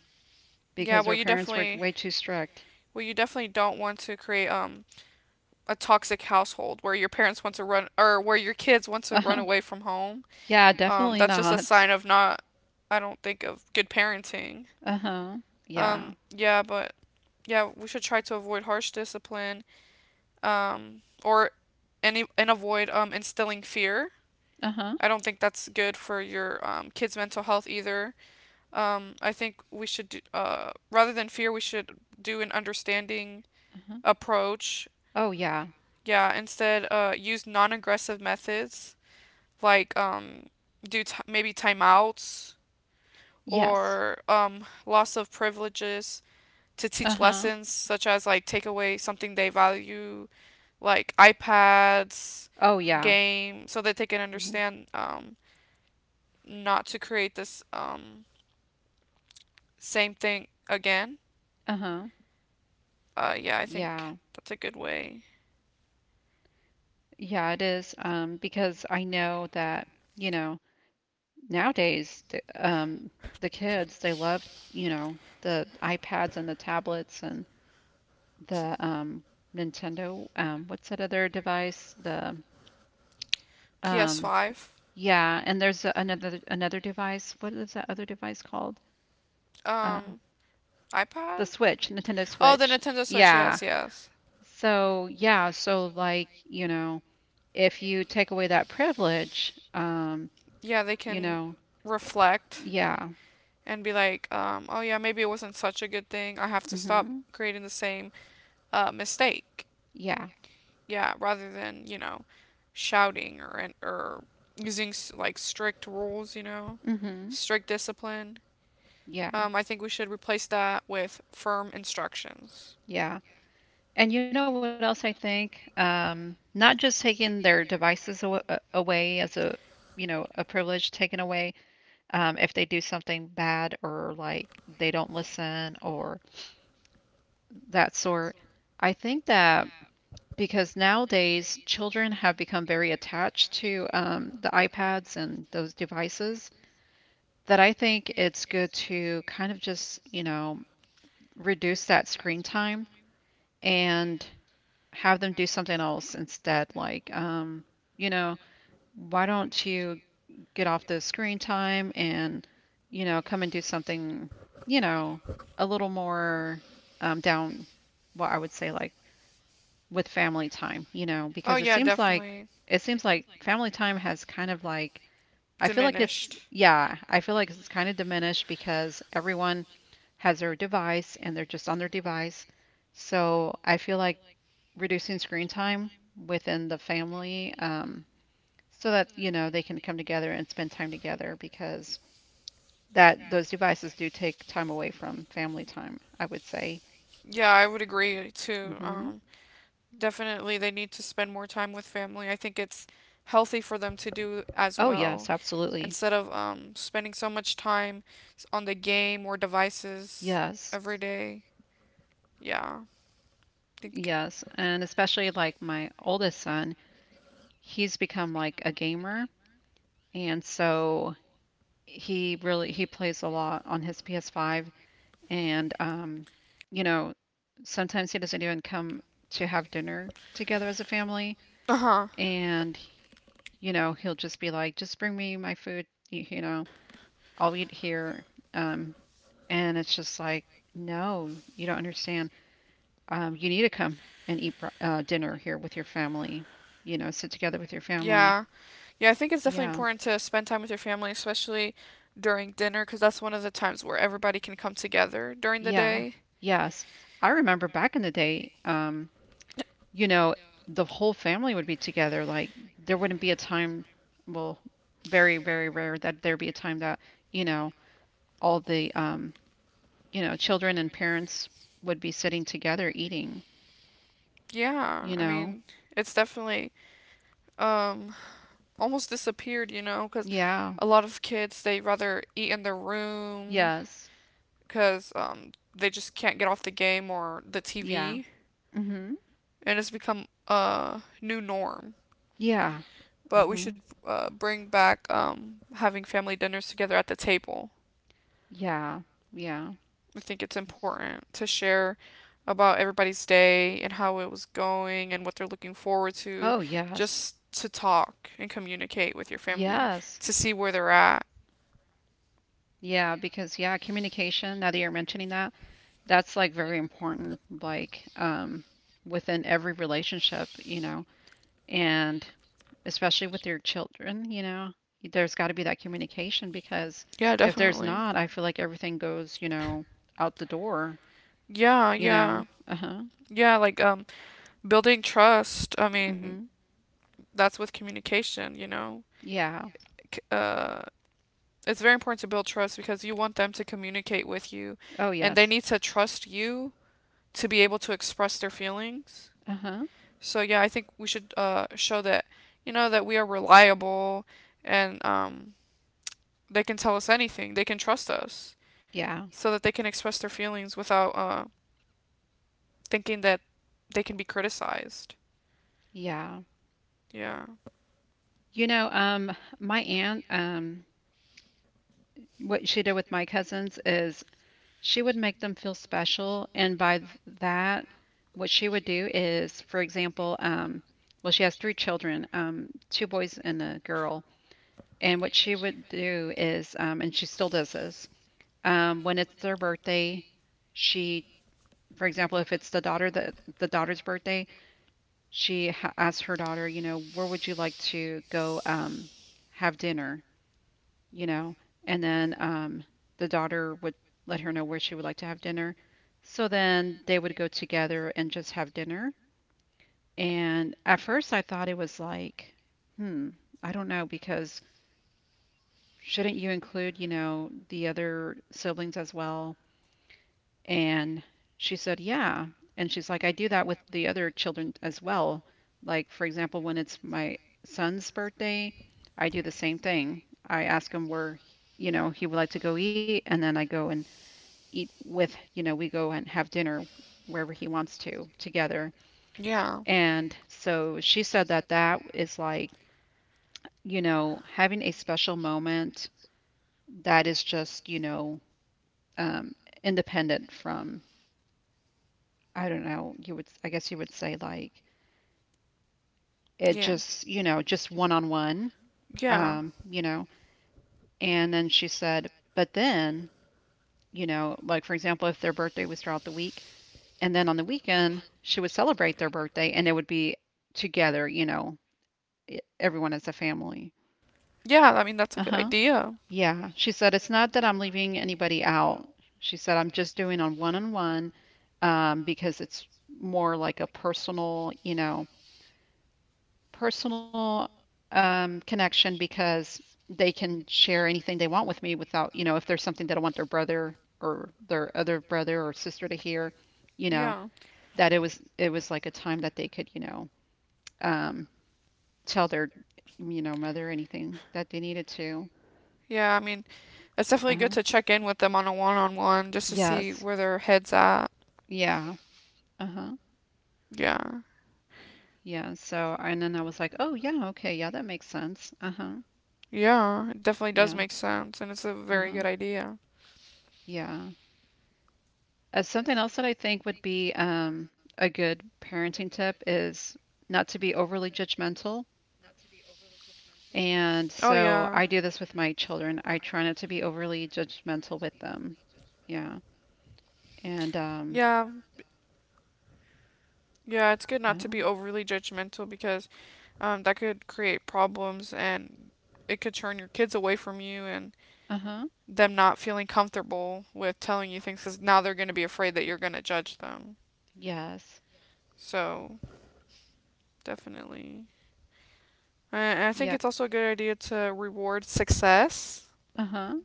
Speaker 1: Yeah,
Speaker 2: because
Speaker 1: well,
Speaker 2: her parents were way too strict.
Speaker 1: you definitely don't want to create a toxic household where your parents want to run or where your kids want to run
Speaker 2: Uh-huh.
Speaker 1: away from home.
Speaker 2: Yeah, definitely
Speaker 1: That's just a
Speaker 2: not.
Speaker 1: sign of not I don't think of good parenting.
Speaker 2: Uh-huh. Yeah.
Speaker 1: Yeah, but yeah, we should try to avoid harsh discipline, or any and avoid instilling fear.
Speaker 2: Uh-huh.
Speaker 1: I don't think that's good for your kids' mental health either. I think we should rather than fear, we should do an understanding
Speaker 2: Uh-huh.
Speaker 1: approach.
Speaker 2: Oh, yeah.
Speaker 1: Yeah, instead, use non-aggressive methods, like maybe timeouts
Speaker 2: Yes.
Speaker 1: or loss of privileges to teach
Speaker 2: Uh-huh.
Speaker 1: lessons, such as like take away something they value, like iPads,
Speaker 2: Oh, yeah.
Speaker 1: game, so that they can
Speaker 2: Mhm.
Speaker 1: understand not to create this same thing again.
Speaker 2: Uh-huh.
Speaker 1: Yeah, I think
Speaker 2: Yeah.
Speaker 1: that's a good way.
Speaker 2: Yeah, it is. Because I know that, you know, nowadays, the kids, they love, you know, the iPads and the tablets and the Nintendo. What's that other device? The um,
Speaker 1: PS5.
Speaker 2: yeah, and there's another another device. What is that other device called? Uh,
Speaker 1: um, iPad.
Speaker 2: the Switch, Nintendo
Speaker 1: Oh, the
Speaker 2: Switch.
Speaker 1: Nintendo Switch.
Speaker 2: Yeah.
Speaker 1: Yes, yes.
Speaker 2: So, yeah, so like, you know, if you take away that privilege,
Speaker 1: Yeah, they
Speaker 2: you
Speaker 1: can
Speaker 2: know,
Speaker 1: reflect
Speaker 2: yeah,
Speaker 1: and be like, oh yeah, maybe it wasn't such a good thing. I have to stop
Speaker 2: hmm,
Speaker 1: creating the same mistake.
Speaker 2: yeah,
Speaker 1: Yeah, rather than shouting or using like strict rules,
Speaker 2: hmm,
Speaker 1: strict discipline.
Speaker 2: yeah,
Speaker 1: I think we should replace that with firm instructions.
Speaker 2: yeah. And you know what else I think? Not just taking their devices away as a, you know, a privilege taken away, if they do something bad or like they don't listen or that sort. I think that because nowadays children have become very attached to the iPads and those devices. That I think it's good to kind of just, you know, reduce that screen time and have them do something else instead. Like, you know, why don't you get off the screen time and, you know, come and do something, you know, a little more down, what I would say, like with
Speaker 1: With
Speaker 2: family
Speaker 1: family
Speaker 2: time,
Speaker 1: time,
Speaker 2: you
Speaker 1: you
Speaker 2: know,
Speaker 1: know. Oh
Speaker 2: because
Speaker 1: yeah, definitely.
Speaker 2: it seems like family time has kind of like, I feel like it's,
Speaker 1: Diminished.
Speaker 2: yeah, I feel like it's kind of diminished because everyone has their device and they're just on their device. So I feel like reducing screen time within the family so that, you know, they can come together and spend time together because that those devices do take time away from family time, I would say.
Speaker 1: Yeah, I would agree too.
Speaker 2: Hmm.
Speaker 1: Definitely they need to spend more time with family. I think it's healthy for them to do as
Speaker 2: Oh, yes,
Speaker 1: well,
Speaker 2: absolutely.
Speaker 1: instead of spending so much time on the game or devices
Speaker 2: Yes.
Speaker 1: every day. Yeah. I think.
Speaker 2: Yes. And especially like my oldest son, he's become like a gamer. And so he plays a lot on his PS5. And, you know, sometimes he doesn't even come to have dinner together as a family.
Speaker 1: Uh-huh.
Speaker 2: And, you know, he'll just be like, just bring me my food, you know, I'll eat here. Um, and it's just like, no, you don't understand. You need to come and eat dinner here with your family, you know, sit together with your family.
Speaker 1: Yeah. Yeah, I think it's definitely
Speaker 2: Yeah.
Speaker 1: important to spend time with your family, especially during dinner, because that's one of the times where everybody can come together during the
Speaker 2: Yeah.
Speaker 1: day.
Speaker 2: Yes. I remember back in the day, you know, the whole family would be together. Like there wouldn't be a time, well, very, very rare that there be a time that, you know, all the you know, children and parents would be sitting together eating,
Speaker 1: Yeah,
Speaker 2: you
Speaker 1: I
Speaker 2: know.
Speaker 1: mean, it's definitely um almost disappeared, you know, because
Speaker 2: Yeah.
Speaker 1: a lot of kids they rather eat in their room
Speaker 2: Yes.
Speaker 1: because they just can't get off the game or the
Speaker 2: Yeah.
Speaker 1: TV,
Speaker 2: Mhm.
Speaker 1: and it's become a new norm.
Speaker 2: Yeah.
Speaker 1: But we should
Speaker 2: Mhm.
Speaker 1: bring back having family dinners together at the table.
Speaker 2: Yeah. Yeah.
Speaker 1: I think it's important to share about everybody's day and how it was going and what they're looking forward
Speaker 2: Oh,
Speaker 1: to,
Speaker 2: yes.
Speaker 1: just to talk and communicate with your family
Speaker 2: Yes.
Speaker 1: to see where they're at.
Speaker 2: Yeah, because yeah, communication, now that you're mentioning that, that's like very important, like within every relationship, you know, and especially with your children, you know, there's got to be that communication because
Speaker 1: Yeah,
Speaker 2: if there's
Speaker 1: definitely.
Speaker 2: not, I feel like everything goes, you know, out the door,
Speaker 1: Yeah,
Speaker 2: you know.
Speaker 1: yeah.
Speaker 2: Uh huh.
Speaker 1: Yeah, like building trust. I mean,
Speaker 2: Mhm.
Speaker 1: that's with communication, you know.
Speaker 2: Yeah.
Speaker 1: C- Uh, it's very important to build trust because you want them to communicate with you,
Speaker 2: Oh
Speaker 1: and they
Speaker 2: yes.
Speaker 1: need to trust you to be able to express their feelings.
Speaker 2: Uh huh.
Speaker 1: So yeah, I think we should show that, you know, that we are reliable, and they can tell us anything. They can trust us,
Speaker 2: Yeah.
Speaker 1: so that they can express their feelings without thinking that they can be criticized.
Speaker 2: Yeah.
Speaker 1: Yeah.
Speaker 2: You know, my aunt, what she did with my cousins is she would make them feel special. And that, what she would do is, for example, well, she has three children, two boys and a girl. And what she would do is, and she still does this, when it's their birthday, she, for example, if it's the daughter's birthday, she asks her daughter, you know, where would you like to go have dinner? You know, and then the daughter would let her know where she would like to have dinner. So then they would go together and just have dinner. And at first I thought it was like, hmm, I don't know, because shouldn't you include, you know, the other siblings as well? And she said, yeah. And she's like, I do that with the other children as well. Like, for example, when it's my son's birthday, I do the same thing. I ask him where, you know, he would like to go eat, and then I go and eat with, you know, we go and have dinner wherever he wants to together.
Speaker 1: Yeah.
Speaker 2: And so she said that that is like, you know, having a special moment that is just, you know, um, independent from, I don't know, you would, I guess you would say like, it
Speaker 1: Yeah.
Speaker 2: just, you know, just one on one,
Speaker 1: Yeah.
Speaker 2: you know. And then she said, but then, you know, like for example, if their birthday was throughout the week, and then on the weekend, she would celebrate their birthday and it would be together, you know, everyone as a family.
Speaker 1: Yeah, I mean that's a
Speaker 2: Uh
Speaker 1: good
Speaker 2: huh.
Speaker 1: idea.
Speaker 2: Yeah. She said, it's not that I'm leaving anybody out. She said, I'm just doing on one because it's more like a personal, you know, personal connection because they can share anything they want with me without, you know, if there's something they don't want their brother or their other brother or sister to hear, you know,
Speaker 1: Yeah.
Speaker 2: that it was like a time that they could, you know, um, tell their, you know, mother anything that they needed to.
Speaker 1: Yeah, I mean it's definitely good
Speaker 2: Uh-huh.
Speaker 1: to check in with them on a one-on-one just to see
Speaker 2: Yes.
Speaker 1: where their head's at.
Speaker 2: Yeah. Uh-huh.
Speaker 1: Yeah.
Speaker 2: Yeah. So, and then I was like, oh, yeah, okay. Yeah, that makes sense. Uh-huh.
Speaker 1: Yeah, it definitely does
Speaker 2: Yeah.
Speaker 1: make sense, and it's a very
Speaker 2: Uh-huh.
Speaker 1: good idea.
Speaker 2: Yeah. Something else that I think would be a good parenting tip is not to be overly judgmental.
Speaker 1: Oh
Speaker 2: And
Speaker 1: yeah.
Speaker 2: so I do this with my children. I try not to be overly judgmental with them. Yeah. And
Speaker 1: Yeah, yeah, it's good not to
Speaker 2: oh,
Speaker 1: be overly judgmental, because that could create problems, and it could turn your kids away from you, and
Speaker 2: uh-huh.
Speaker 1: them not feeling comfortable with telling you things because now they're going to be afraid that you're going to judge them.
Speaker 2: Yes.
Speaker 1: So definitely, I think
Speaker 2: Yeah.
Speaker 1: it's also a good idea to reward success.
Speaker 2: Uh-huh.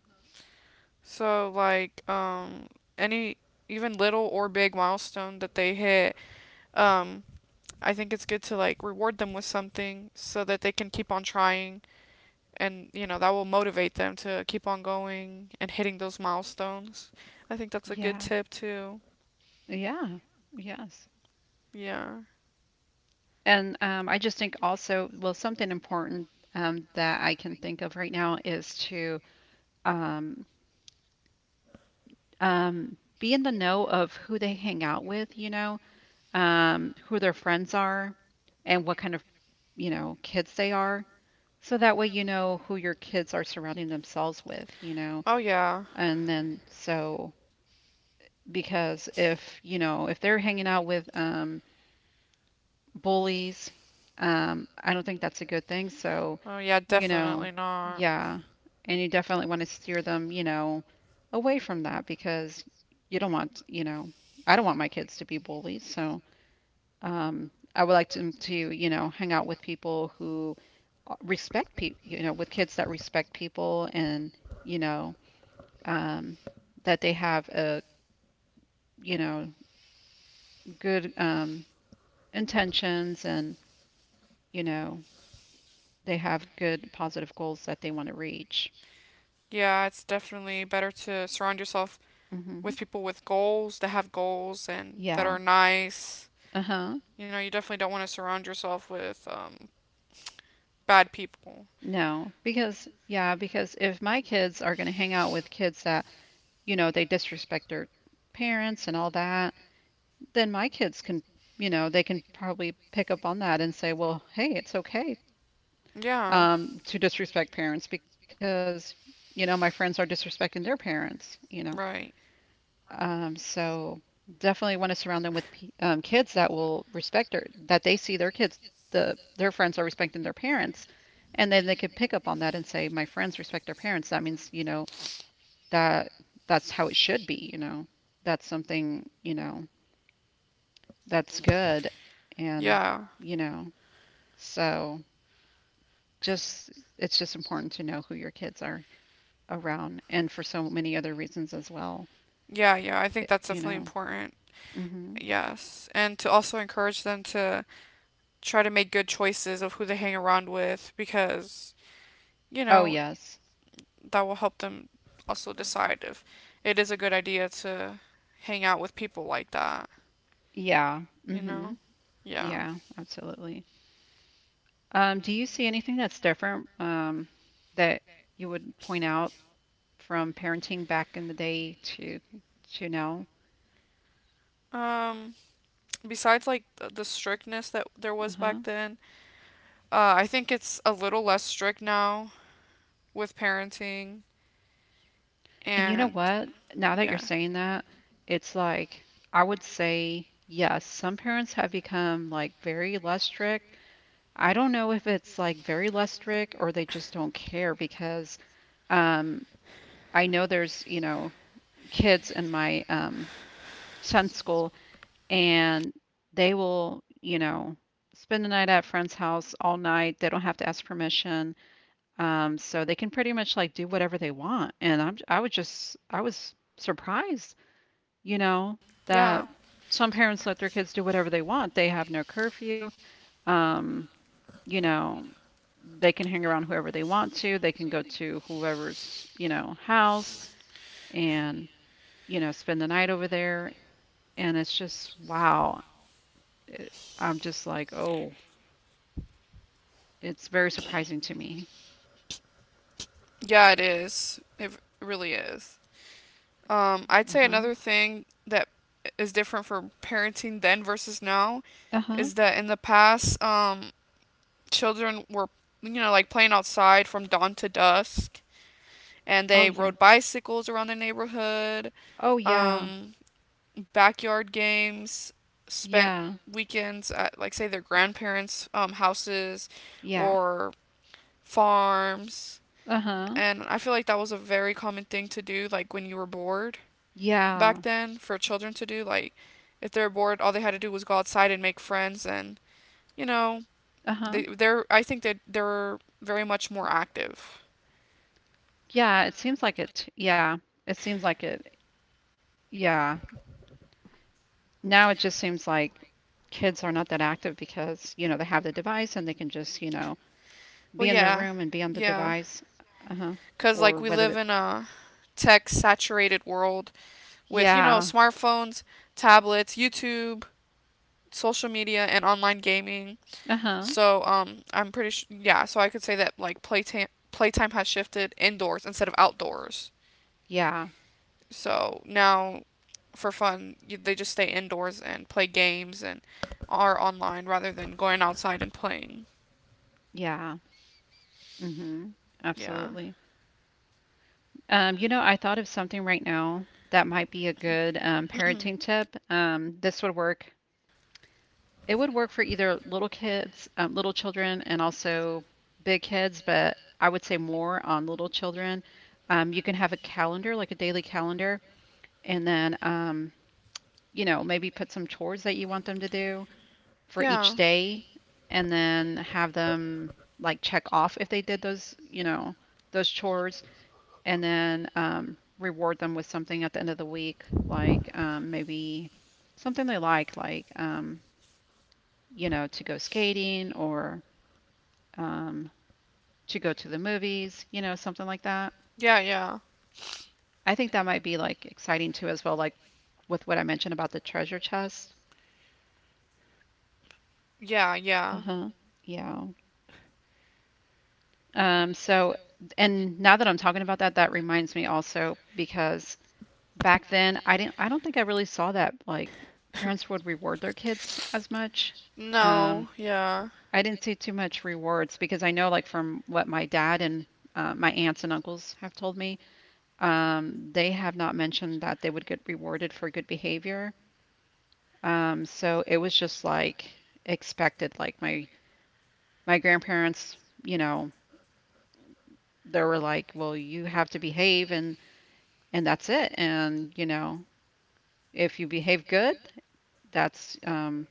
Speaker 1: So like any even little or big milestone that they hit, um I think it's good to like reward them with something so that they can keep on trying, and you know that will motivate them to keep on going and hitting those milestones. I think that's a good
Speaker 2: Yeah.
Speaker 1: tip too.
Speaker 2: Yeah. Yes.
Speaker 1: Yeah.
Speaker 2: And I just think also, well, something important that I can think of right now is to um, be in the know of who they hang out with, you know, who their friends are, and what kind of, you know, kids they are. So that way you know who your kids are surrounding themselves with, you know.
Speaker 1: Oh yeah.
Speaker 2: And then so because if, you know, if they're hanging out with bullies, I don't think that's a good thing. So,
Speaker 1: Oh yeah,
Speaker 2: you know,
Speaker 1: definitely not.
Speaker 2: yeah. And you definitely want to steer them, you know, away from that because you don't want, you know, I don't want my kids to be bullies. So, I would like them to, you know, hang out with people who respect people, you know, with kids that respect people and, you know, um, that they have a, you know, good intentions and, you know, they have good positive goals that they want to reach.
Speaker 1: Yeah, it's definitely better to surround yourself
Speaker 2: Hmm.
Speaker 1: with people with goals, that have goals and that
Speaker 2: Yeah.
Speaker 1: are nice.
Speaker 2: Uh-huh.
Speaker 1: You know, you definitely don't want to surround yourself with bad people.
Speaker 2: No, because yeah, because if my kids are going to hang out with kids that, you know, they disrespect their parents and all that, then my kids can, you know, they can probably pick up on that and say, well, hey, it's okay
Speaker 1: Yeah,
Speaker 2: to disrespect parents because, you know, my friends are disrespecting their parents, you know.
Speaker 1: right.
Speaker 2: So definitely want to surround them with kids that will respect their, that they see their kids, their friends are respecting their parents. And then they can pick up on that and say, my friends respect their parents. That means, you know, that that's how it should be, you know. That's something, you know, that's good. And,
Speaker 1: Yeah,
Speaker 2: you know, so just it's just important to know who your kids are around and for so many other reasons as well,
Speaker 1: yeah, yeah. I think
Speaker 2: it,
Speaker 1: that's
Speaker 2: you
Speaker 1: definitely
Speaker 2: know.
Speaker 1: important.
Speaker 2: Mhm.
Speaker 1: Yes. And to also encourage them to try to make good choices of who they hang around with, because you
Speaker 2: Oh,
Speaker 1: know,
Speaker 2: yes.
Speaker 1: that will help them also decide if it is a good idea to hang out with people like that,
Speaker 2: Yeah.
Speaker 1: you know?
Speaker 2: Mhm.
Speaker 1: Yeah.
Speaker 2: Yeah, absolutely. Do you see anything that's different that you would point out from parenting back in the day to now?
Speaker 1: Um Besides like the strictness that there was
Speaker 2: Uh-huh.
Speaker 1: back then, I think it's a little less strict now with parenting,
Speaker 2: And you know
Speaker 1: and
Speaker 2: what? Now that you're
Speaker 1: yeah.
Speaker 2: saying that, it's like I would say yes, some parents have become like very less strict. I don't know if it's like very lustric or they just don't care because um, I know there's, you know, kids in my son's school and they will, you know, spend the night at a friend's house all night. They don't have to ask permission. So they can pretty much like do whatever they want. And I was just, I was surprised, you know, that
Speaker 1: Yeah.
Speaker 2: some parents let their kids do whatever they want. They have no curfew. Um, you know, they can hang around whoever they want to. They can go to whoever's, you know, house and, you know, spend the night over there. And it's just, wow. I'm just like, oh, it's very surprising to me.
Speaker 1: Yeah, it is. It really is. I'd
Speaker 2: Uh
Speaker 1: say
Speaker 2: huh.
Speaker 1: another thing that is different for parenting then versus now
Speaker 2: Uh huh.
Speaker 1: is that in the past, children were, you know, like playing outside from dawn to dusk, and
Speaker 2: Oh,
Speaker 1: they
Speaker 2: yeah.
Speaker 1: rode bicycles around the neighborhood,
Speaker 2: Oh, yeah.
Speaker 1: um, backyard games, spent
Speaker 2: Yeah.
Speaker 1: weekends at, like, say, their grandparents' houses
Speaker 2: Yeah.
Speaker 1: or farms.
Speaker 2: Uh huh.
Speaker 1: And I feel like that was a very common thing to do, like, when you were bored back
Speaker 2: Yeah.
Speaker 1: then, for children to do. Like, if they're bored, all they had to do was go outside and make friends, and you know,
Speaker 2: Uh
Speaker 1: they
Speaker 2: huh.
Speaker 1: they're I think that they're very much more active.
Speaker 2: Yeah. It seems like it. Yeah. It seems like it. Yeah. Now it just seems like kids are not that active because, you know, they have the device and they can just, you know, be in
Speaker 1: Well,
Speaker 2: their room and
Speaker 1: yeah,
Speaker 2: be on the
Speaker 1: yeah,
Speaker 2: device. Uh huh.
Speaker 1: cause
Speaker 2: Or
Speaker 1: like we
Speaker 2: whether that,
Speaker 1: live in a tech-saturated world with you know
Speaker 2: yeah.
Speaker 1: smartphones, tablets, YouTube, social media, and online gaming.
Speaker 2: Uh huh.
Speaker 1: So I'm pretty sure yeah. So I could say that like playtime has shifted indoors instead of outdoors.
Speaker 2: Yeah.
Speaker 1: So now, for fun, they just stay indoors and play games and are online rather than going outside and playing.
Speaker 2: Yeah. Mm-hmm.
Speaker 1: Yeah.
Speaker 2: Absolutely. You know, I thought of something right now that might be a good parenting tip. This would work. It would work for either little kids, little children, and also big kids, but I would say more on little children. You can have a calendar, like a daily calendar, and then, maybe put some chores that you want them to do for each
Speaker 1: Yeah.
Speaker 2: day, and then have them like check off if they did those, those chores, and then reward them with something at the end of the week, like maybe something they like, to go skating or um, to go to the movies, something like that.
Speaker 1: Yeah, yeah.
Speaker 2: I think that might be like exciting too, as well, like with what I mentioned about the treasure chest.
Speaker 1: Yeah,
Speaker 2: Uh
Speaker 1: yeah.
Speaker 2: huh. Yeah. So, and now that I'm talking about that, that reminds me also because back then I don't think I really saw that like parents would reward their kids as much. Um,
Speaker 1: No, yeah.
Speaker 2: I didn't see too much rewards because I know, like, from what my dad and my aunts and uncles have told me, they have not mentioned that they would get rewarded for good behavior. So it was just like expected. Like my grandparents, you know, they were like, "Well, you have to behave," and that's it. And if you behave good, that's um,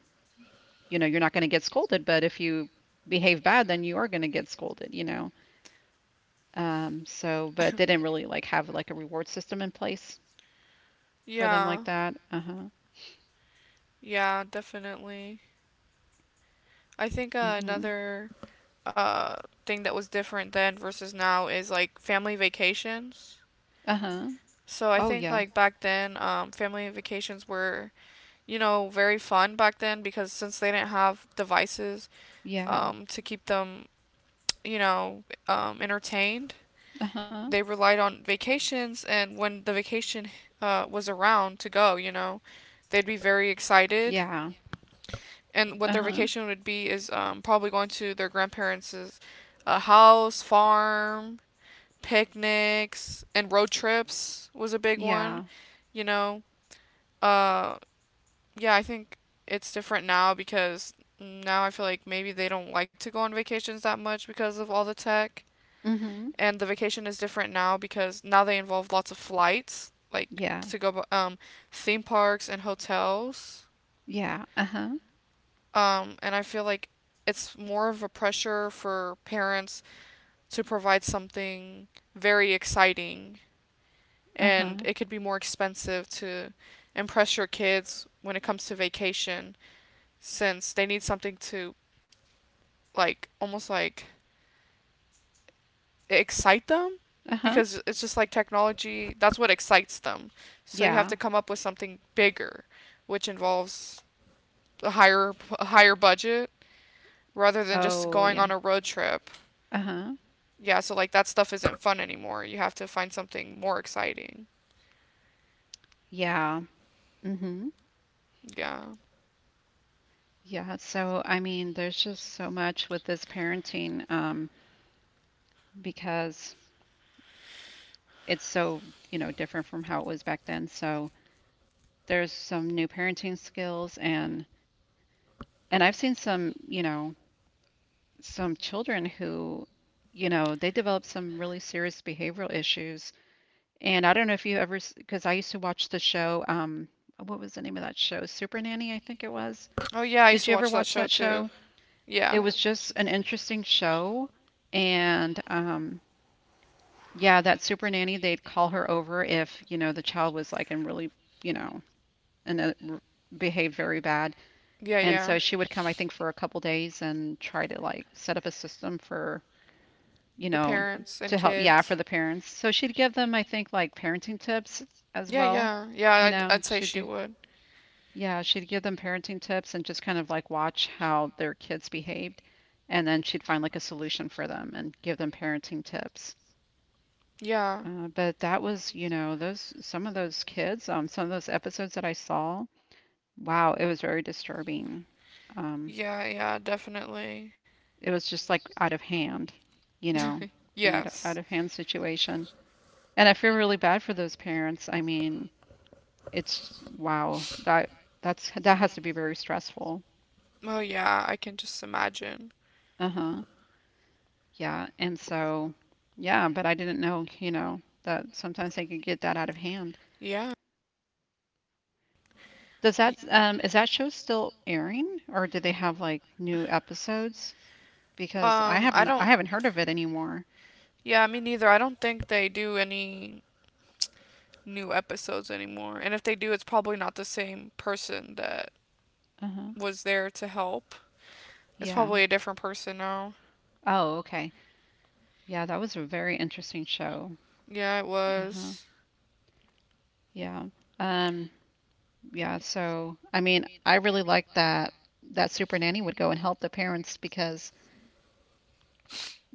Speaker 2: you're not going to get scolded. But if you behave bad, then you are going to get scolded. So, but they didn't really like have like a reward system in place for them
Speaker 1: Yeah.
Speaker 2: like that. Uh huh.
Speaker 1: Yeah, definitely. I think
Speaker 2: Mhm.
Speaker 1: another uh thing that was different then versus now is like family vacations.
Speaker 2: Uh huh.
Speaker 1: So I
Speaker 2: Oh
Speaker 1: think
Speaker 2: yeah.
Speaker 1: like back then family vacations were, you know, very fun back then, because since they didn't have devices
Speaker 2: Yeah.
Speaker 1: to keep them, you know, entertained.
Speaker 2: Uh huh.
Speaker 1: They relied on vacations, and when the vacation was around to go, you know, they'd be very
Speaker 2: Yeah.
Speaker 1: excited.
Speaker 2: Uh
Speaker 1: And what
Speaker 2: huh.
Speaker 1: their vacation would be is probably going to their grandparents' house, farm, picnics, and road trips was a big
Speaker 2: Yeah.
Speaker 1: one. You know, uh, yeah, I think it's different now because now I feel like maybe they don't like to go on vacations that much because of all the tech.
Speaker 2: Mhm.
Speaker 1: And the vacation is different now because now they involve lots of flights, like
Speaker 2: Yeah.
Speaker 1: to go theme parks and hotels.
Speaker 2: Yeah. Uh huh.
Speaker 1: And I feel like it's more of a pressure for parents to provide something very exciting,
Speaker 2: Uh
Speaker 1: and
Speaker 2: huh.
Speaker 1: it could be more expensive to impress your kids when it comes to vacation, since they need something to like almost like excite them,
Speaker 2: Uh huh.
Speaker 1: because it's just like technology, that's what excites them, so you have
Speaker 2: Yeah.
Speaker 1: to come up with something bigger, which involves a higher a higher budget rather than just
Speaker 2: Oh
Speaker 1: going
Speaker 2: yeah.
Speaker 1: on a road trip.
Speaker 2: Uh huh.
Speaker 1: Yeah, so like that stuff isn't fun anymore. You have to find something more exciting.
Speaker 2: Yeah. Mhm.
Speaker 1: Yeah.
Speaker 2: Yeah, so I mean, there's just so much with this parenting, because it's so, different from how it was back then. So there's some new parenting skills, and I've seen some children who, they develop some really serious behavioral issues. And I don't know if you ever, because I used to watch the show, what was the name of that show? Super Nanny, I think it was.
Speaker 1: Oh yeah, I used
Speaker 2: Did
Speaker 1: to
Speaker 2: you ever
Speaker 1: watch that
Speaker 2: watch
Speaker 1: show
Speaker 2: that
Speaker 1: too.
Speaker 2: show? It
Speaker 1: Yeah,
Speaker 2: was just an interesting show. And, yeah, that Super Nanny, they'd call her over if, the child was like in really, you know, and uh, r- behaved very bad.
Speaker 1: yeah,
Speaker 2: And
Speaker 1: yeah.
Speaker 2: so she would come, I think, for a couple days and try to like set up a system for, you
Speaker 1: The
Speaker 2: know,
Speaker 1: parents and
Speaker 2: to help, yeah,
Speaker 1: kids.
Speaker 2: for the parents. So she'd give them, I think, like parenting tips as oh
Speaker 1: Yeah,
Speaker 2: well.
Speaker 1: yeah. Yeah,
Speaker 2: You
Speaker 1: I'd,
Speaker 2: know,
Speaker 1: I'd say
Speaker 2: she'd
Speaker 1: she
Speaker 2: do,
Speaker 1: would.
Speaker 2: yeah, she'd give them parenting tips and just kind of like watch how their kids behaved. And then she'd find like a solution for them and give them parenting tips.
Speaker 1: Yeah.
Speaker 2: But that was, you know, those some of those kids, some of those episodes that I saw, wow, it was very disturbing. Um,
Speaker 1: Yeah, yeah, definitely.
Speaker 2: it was just like out of hand, you know, an out
Speaker 1: Yes.
Speaker 2: out of hand situation. And I feel really bad for those parents. I mean, it's wow, that has to be very stressful.
Speaker 1: Oh, yeah, I can just imagine.
Speaker 2: Uh-huh. Yeah. And so, yeah, but I didn't know, that sometimes they could get that out of hand.
Speaker 1: Yeah.
Speaker 2: Does
Speaker 1: Y-
Speaker 2: that is that show still airing, or do they have like new episodes? Because
Speaker 1: I
Speaker 2: I
Speaker 1: don't.
Speaker 2: haven't heard of it anymore.
Speaker 1: Yeah, me neither. I don't think they do any new episodes anymore. And if they do, it's probably not the same person that
Speaker 2: Uh-huh.
Speaker 1: was there to help. It's
Speaker 2: Yeah.
Speaker 1: probably a different person now.
Speaker 2: Oh, okay. Yeah, that was a very interesting show.
Speaker 1: Yeah, it
Speaker 2: Uh-huh.
Speaker 1: was.
Speaker 2: Yeah. Um yeah, so I mean, I really liked that that Super Nanny would go and help the parents because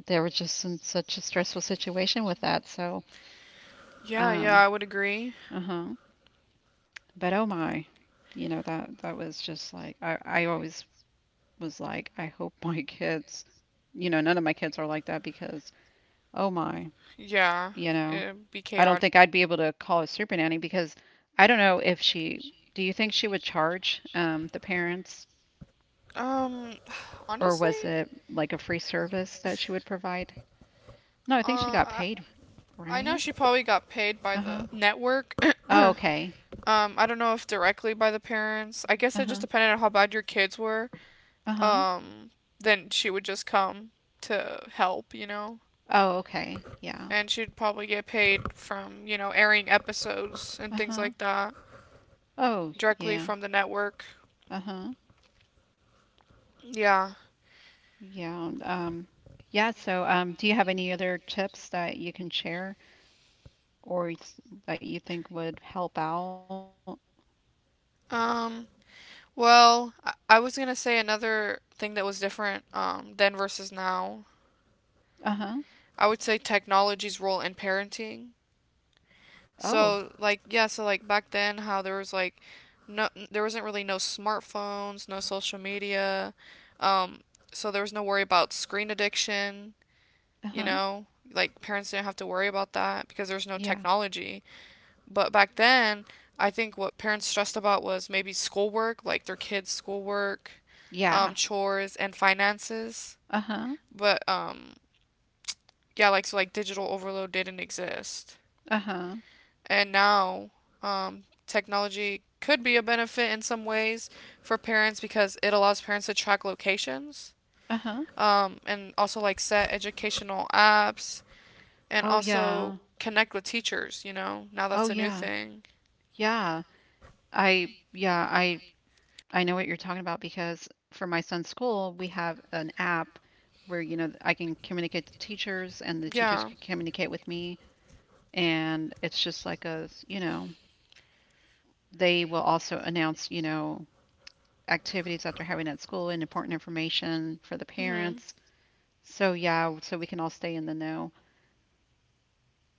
Speaker 2: they were just in such a stressful situation with that. So,
Speaker 1: Yeah, yeah,
Speaker 2: um
Speaker 1: I would agree.
Speaker 2: uh-huh. But oh my, that was just like I always was like, I hope my kids, none of my kids are like that because, oh my,
Speaker 1: Yeah,
Speaker 2: you know,
Speaker 1: it'd be
Speaker 2: I don't
Speaker 1: chaotic.
Speaker 2: think I'd be able to call a super nanny because I don't know if she, do you think she would charge the parents,
Speaker 1: Um,
Speaker 2: or was
Speaker 1: Honestly,
Speaker 2: it like a free service that she would provide? No, I think she
Speaker 1: uh,
Speaker 2: got
Speaker 1: I,
Speaker 2: paid,
Speaker 1: I know
Speaker 2: right?
Speaker 1: she probably got paid by
Speaker 2: Uh
Speaker 1: the
Speaker 2: huh.
Speaker 1: network.
Speaker 2: Oh,
Speaker 1: um,
Speaker 2: okay.
Speaker 1: I don't know if directly by the parents. I guess
Speaker 2: Uh
Speaker 1: it
Speaker 2: huh.
Speaker 1: just depended on how bad your kids were.
Speaker 2: Uh huh.
Speaker 1: Um, then she would just come to help, you know?
Speaker 2: Oh, okay. Yeah.
Speaker 1: And she'd probably get paid from, you know, airing episodes and
Speaker 2: Uh
Speaker 1: things
Speaker 2: huh.
Speaker 1: like that
Speaker 2: Oh,
Speaker 1: directly
Speaker 2: yeah.
Speaker 1: from the network.
Speaker 2: Uh huh.
Speaker 1: Yeah.
Speaker 2: Yeah. Yeah. So, do you have any other tips that you can share, or that you think would help out?
Speaker 1: Um, well, I was gonna say another thing that was different then versus now,
Speaker 2: Uh-huh.
Speaker 1: I would say technology's role in parenting.
Speaker 2: Oh,
Speaker 1: So like yeah, so like back then, how there was like no, there wasn't really no smartphones, no social media. Um so there was no worry about screen addiction, you
Speaker 2: uh-huh.
Speaker 1: know? Like parents didn't have to worry about that because there's no
Speaker 2: Yeah.
Speaker 1: technology. But back then, I think what parents stressed about was maybe schoolwork, like their kids' schoolwork,
Speaker 2: Yeah.
Speaker 1: chores and finances.
Speaker 2: Uh-huh.
Speaker 1: But yeah, like so like digital overload didn't exist.
Speaker 2: Uh-huh.
Speaker 1: And now, technology could be a benefit in some ways for parents because it allows parents to track locations,
Speaker 2: Uh-huh.
Speaker 1: and also like set educational apps and
Speaker 2: Oh
Speaker 1: also
Speaker 2: yeah.
Speaker 1: connect with teachers, you know? Now
Speaker 2: Oh
Speaker 1: that's a new
Speaker 2: yeah.
Speaker 1: thing.
Speaker 2: Yeah. I Yeah, I know what you're talking about because for my son's school, we have an app where I can communicate to teachers and the teachers
Speaker 1: Yeah.
Speaker 2: can communicate with me, and it's just like a, s- you know, they will also announce, activities that they're having at school, and important information for the
Speaker 1: Hmm.
Speaker 2: parents. So yeah, so we can all stay in the know.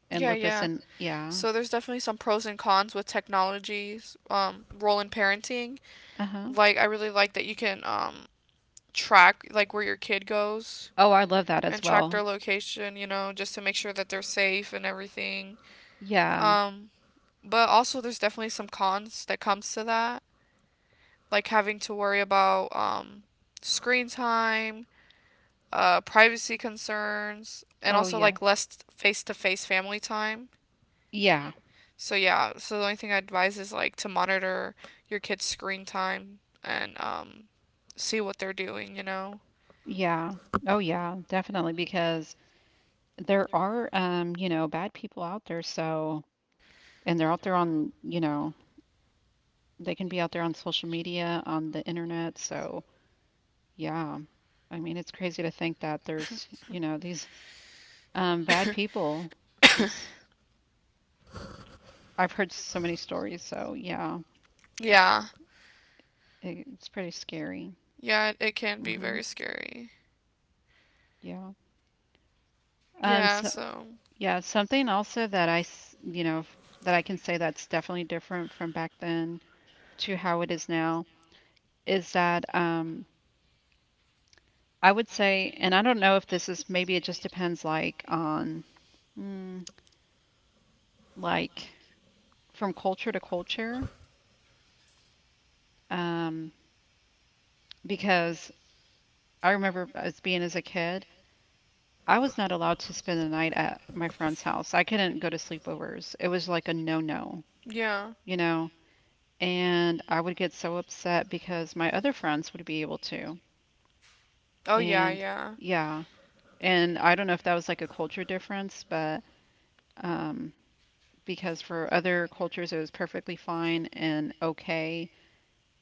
Speaker 2: And
Speaker 1: Yeah,
Speaker 2: lupus
Speaker 1: yeah.
Speaker 2: and yeah.
Speaker 1: So there's definitely some pros and cons with technology's role in parenting.
Speaker 2: Uh-huh.
Speaker 1: Like I really like that you can track like where your kid goes
Speaker 2: Oh, I love that as
Speaker 1: and track their
Speaker 2: well.
Speaker 1: location, you know, just to make sure that they're safe and everything.
Speaker 2: Yeah.
Speaker 1: Yeah. But also there's definitely some cons that comes to that, like having to worry about screen time, privacy concerns, and
Speaker 2: Oh
Speaker 1: also
Speaker 2: yeah.
Speaker 1: like less face-to-face family time.
Speaker 2: Yeah.
Speaker 1: So yeah, so the only thing I advise is like to monitor your kids' screen time and see what they're doing, you know.
Speaker 2: Yeah. Oh yeah, definitely, because there are bad people out there, so, and they're out there on, they can be out there on social media, on the internet, so yeah. I mean, it's crazy to think that there's, these bad people, just I've heard so many stories, so yeah,
Speaker 1: Yeah.
Speaker 2: it's pretty scary.
Speaker 1: Yeah, it can be very
Speaker 2: Hmm.
Speaker 1: scary.
Speaker 2: Yeah. Um,
Speaker 1: Yeah,
Speaker 2: so,
Speaker 1: so,
Speaker 2: yeah, something also that I, s- you know, f- that I can say that's definitely different from back then to how it is now is that, I would say, and I don't know if this is, maybe it just depends like on, mm, like from culture to culture. Um, because I remember, as a kid, I was not allowed to spend the night at my friend's house. I couldn't go to sleepovers. It was like a no-no,
Speaker 1: yeah.
Speaker 2: you know. And I would get so upset because my other friends would be able to.
Speaker 1: Oh, yeah,
Speaker 2: And
Speaker 1: yeah.
Speaker 2: yeah, and I don't know if that was like a culture difference, but, um, because for other cultures it was perfectly fine and okay,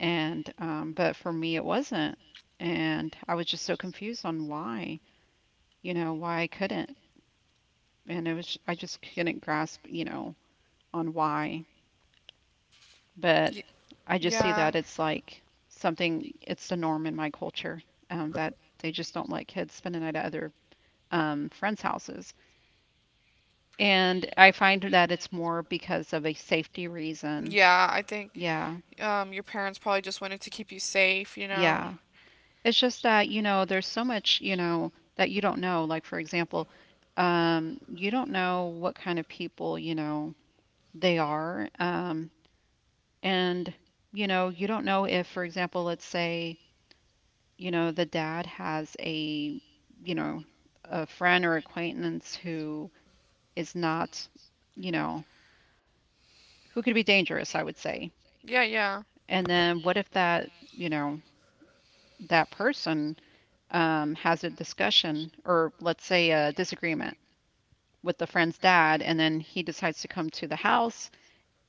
Speaker 2: and, but for me it wasn't. And I was just so confused on why I couldn't. And I just couldn't grasp, on why. But
Speaker 1: Y-
Speaker 2: I just see
Speaker 1: yeah.
Speaker 2: that it's like it's the norm in my culture, that they just don't let kids spend the night at other, friends' houses. And I find that it's more because of a safety reason.
Speaker 1: Yeah, I think
Speaker 2: Yeah,
Speaker 1: your parents probably just wanted to keep you safe, you know?
Speaker 2: yeah. Yeah. It's just that, there's so much, that you don't know. Like, for example, you don't know what kind of people, they are. And, you don't know if, for example, let's say, the dad has you know, a friend or acquaintance who is not, you know, who could be dangerous, I would say.
Speaker 1: Yeah, yeah.
Speaker 2: And then what if you know, that person has a discussion, or let's say a disagreement, with the friend's dad, and then he decides to come to the house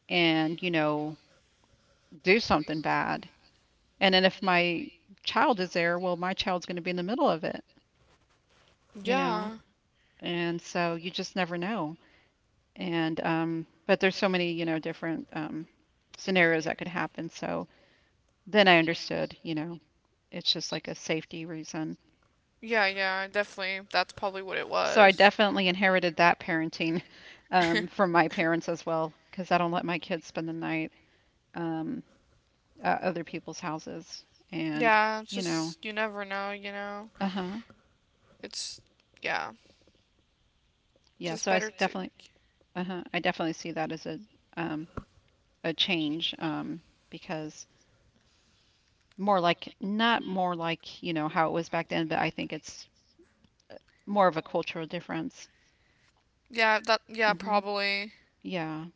Speaker 2: and, do something bad. And then if my child is there, well, my child's going to be in the middle of it, you know?
Speaker 1: Yeah.
Speaker 2: And so you just never know. And, but there's so many different scenarios that could happen. So then I understood, it's just like a safety reason.
Speaker 1: Yeah, yeah, definitely. That's probably what it
Speaker 2: So I
Speaker 1: was.
Speaker 2: definitely inherited that parenting from my parents as well, because I don't let my kids spend the night, um, at other people's houses, and
Speaker 1: Yeah, it's
Speaker 2: you know,
Speaker 1: just, you never know, you know?
Speaker 2: uh huh,
Speaker 1: It's, yeah,
Speaker 2: yeah.
Speaker 1: just
Speaker 2: So
Speaker 1: better to.
Speaker 2: uh huh, I definitely see that as um, a change, because, more like, not more like you know how it was back then, but I think it's more of a cultural difference.
Speaker 1: Yeah, that, yeah,
Speaker 2: Hmm.
Speaker 1: probably.
Speaker 2: Yeah.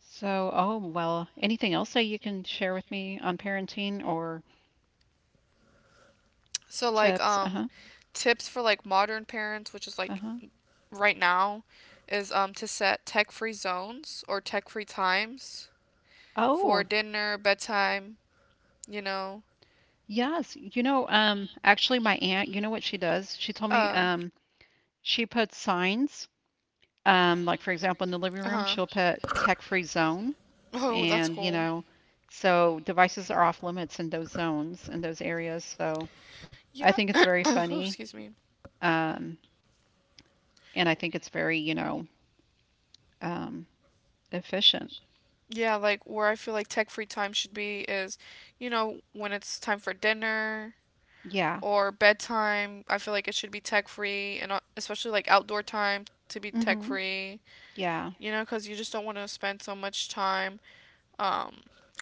Speaker 2: So, oh well, anything else that you can share with me on parenting or
Speaker 1: So like
Speaker 2: tips? Uh-huh.
Speaker 1: tips for like modern parents, which is like
Speaker 2: Uh-huh.
Speaker 1: right now, is to set tech-free zones or tech-free times for
Speaker 2: Oh,
Speaker 1: dinner, bedtime, you know.
Speaker 2: yes. Actually, my aunt, you know what she does? She told me,
Speaker 1: Uh,
Speaker 2: she puts signs, like for example, in the living room,
Speaker 1: uh-huh.
Speaker 2: she'll put "tech-free zone,"
Speaker 1: Oh, that's
Speaker 2: and
Speaker 1: cool.
Speaker 2: so devices are off limits in those zones, in those areas. So I
Speaker 1: Yeah.
Speaker 2: think it's very
Speaker 1: Oh,
Speaker 2: funny.
Speaker 1: excuse me.
Speaker 2: Um, and I think it's very, um, efficient.
Speaker 1: Yeah, like where I feel like tech-free time should be is, you know, when it's time for dinner,
Speaker 2: Yeah.
Speaker 1: or bedtime. I feel like it should be tech free, and especially like outdoor time to be tech
Speaker 2: Hmm.
Speaker 1: free.
Speaker 2: Yeah.
Speaker 1: You know, because you just don't want to spend so much time um,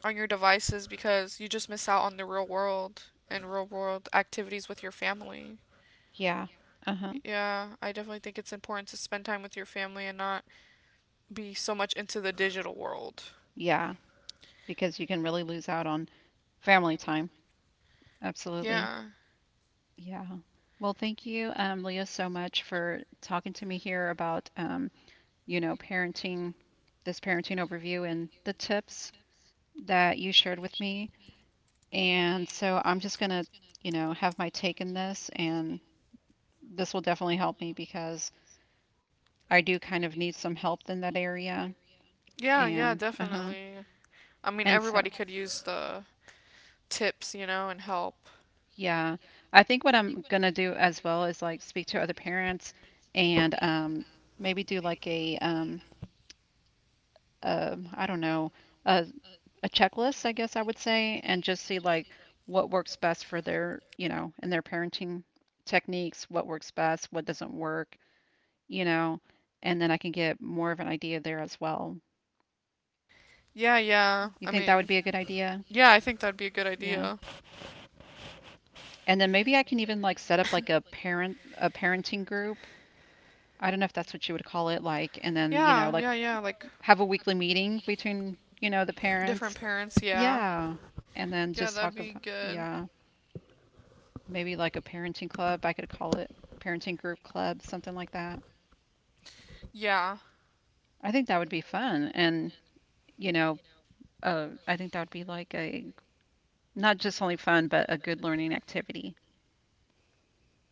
Speaker 1: on your devices because you just miss out on the real world and real world activities with your family.
Speaker 2: Yeah. Uh-huh.
Speaker 1: Yeah, I definitely think it's important to spend time with your family and not be so much into the digital world.
Speaker 2: Yeah. Because you can really lose out on family time. Absolutely.
Speaker 1: Yeah.
Speaker 2: Yeah. Well, thank you, Leah, so much for talking to me here about, parenting, this parenting overview and the tips that you shared with me. And so I'm just gonna, have my take in this, and this will definitely help me because I do kind of need some help in that area.
Speaker 1: Yeah, yeah,
Speaker 2: And uh-huh.
Speaker 1: definitely. I mean,
Speaker 2: And so,
Speaker 1: everybody could use the tips, you know, and help.
Speaker 2: yeah, I think what I'm gonna do as well is like speak to other parents, and maybe do like a I don't know, a, a checklist, I guess I would say, and just see like what works best for their, and their parenting techniques, what works best, what doesn't work, you know, and then I can get more of an idea there as well.
Speaker 1: Yeah, yeah.
Speaker 2: You
Speaker 1: I
Speaker 2: think that would
Speaker 1: mean,
Speaker 2: be a good idea?
Speaker 1: yeah, I think that'd be a good
Speaker 2: Yeah.
Speaker 1: idea.
Speaker 2: And then maybe I can even like set up like a parenting group. I don't know if that's what you would call it, like, and then,
Speaker 1: Yeah,
Speaker 2: like
Speaker 1: yeah, yeah. Like
Speaker 2: have a weekly meeting between, the
Speaker 1: different
Speaker 2: parents.
Speaker 1: parents. Yeah,
Speaker 2: Yeah. And then
Speaker 1: yeah,
Speaker 2: just
Speaker 1: that'd
Speaker 2: talk
Speaker 1: be
Speaker 2: about,
Speaker 1: good.
Speaker 2: yeah, maybe like a parenting club. I could call it parenting group club, something like that.
Speaker 1: Yeah,
Speaker 2: I think that would be fun. And, you know, I think that would be like a not just only fun, but a good learning activity.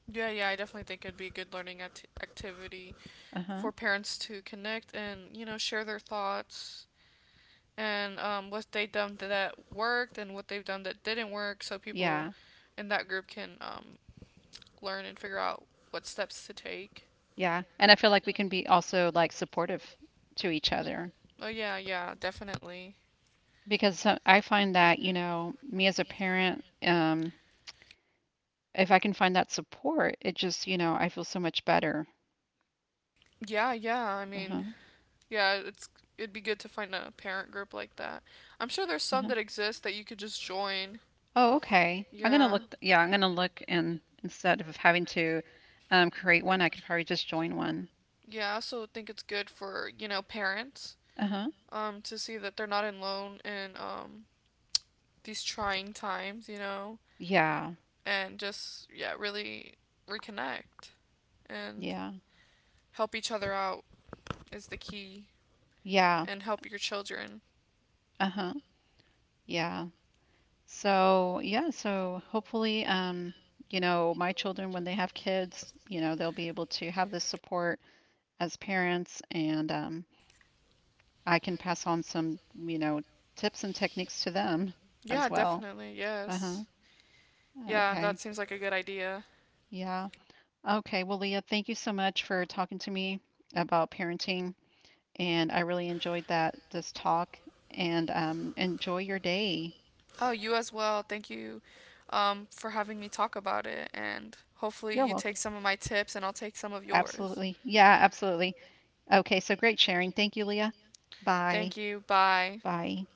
Speaker 1: yeah, yeah. I definitely think it'd be a good learning activity
Speaker 2: Uh-huh.
Speaker 1: for parents to connect and you know share their thoughts and what they have done that worked and what they've done that didn't work, so people
Speaker 2: Yeah.
Speaker 1: in that group can learn and figure out what steps to take.
Speaker 2: Yeah. And I feel like we can be also like supportive to each other.
Speaker 1: Oh yeah, yeah, definitely.
Speaker 2: Because so I find that, me as a parent, if I can find that support, it just, I feel so much better.
Speaker 1: Yeah, yeah. I
Speaker 2: Uh-huh.
Speaker 1: mean, yeah, it'd be good to find a parent group like that. I'm sure there's some
Speaker 2: Uh-huh.
Speaker 1: that exist that you could just join.
Speaker 2: Oh, okay. I'm gonna
Speaker 1: Yeah.
Speaker 2: look, yeah, I'm gonna look, and instead of having to create one, I could probably just join one.
Speaker 1: Yeah, I also think it's good for, you know, parents
Speaker 2: Uh-huh.
Speaker 1: to see that they're not alone in these trying times, you know,
Speaker 2: Yeah.
Speaker 1: and just yeah, really reconnect and
Speaker 2: Yeah.
Speaker 1: help each other out is the key,
Speaker 2: Yeah.
Speaker 1: and help your children.
Speaker 2: Uh-huh. Yeah. So, yeah, so hopefully, my children, when they have kids, they'll be able to have this support as parents, and I can pass on some, you know, tips and techniques to them as
Speaker 1: Yeah,
Speaker 2: well.
Speaker 1: definitely.
Speaker 2: Uh-huh.
Speaker 1: Yes. Yeah,
Speaker 2: Okay.
Speaker 1: that seems like a good idea.
Speaker 2: Yeah. Okay. Well, Leah, thank you so much for talking to me about parenting, and I really enjoyed that this talk. And, enjoy your day.
Speaker 1: Oh, you as well. Thank you, for having me talk about it. And hopefully,
Speaker 2: You're
Speaker 1: you
Speaker 2: welcome.
Speaker 1: take some of my tips and I'll take some of yours.
Speaker 2: Absolutely. Yeah, absolutely. Okay. So great sharing. Thank you, Leah. Bye.
Speaker 1: Thank you. Bye.
Speaker 2: Bye.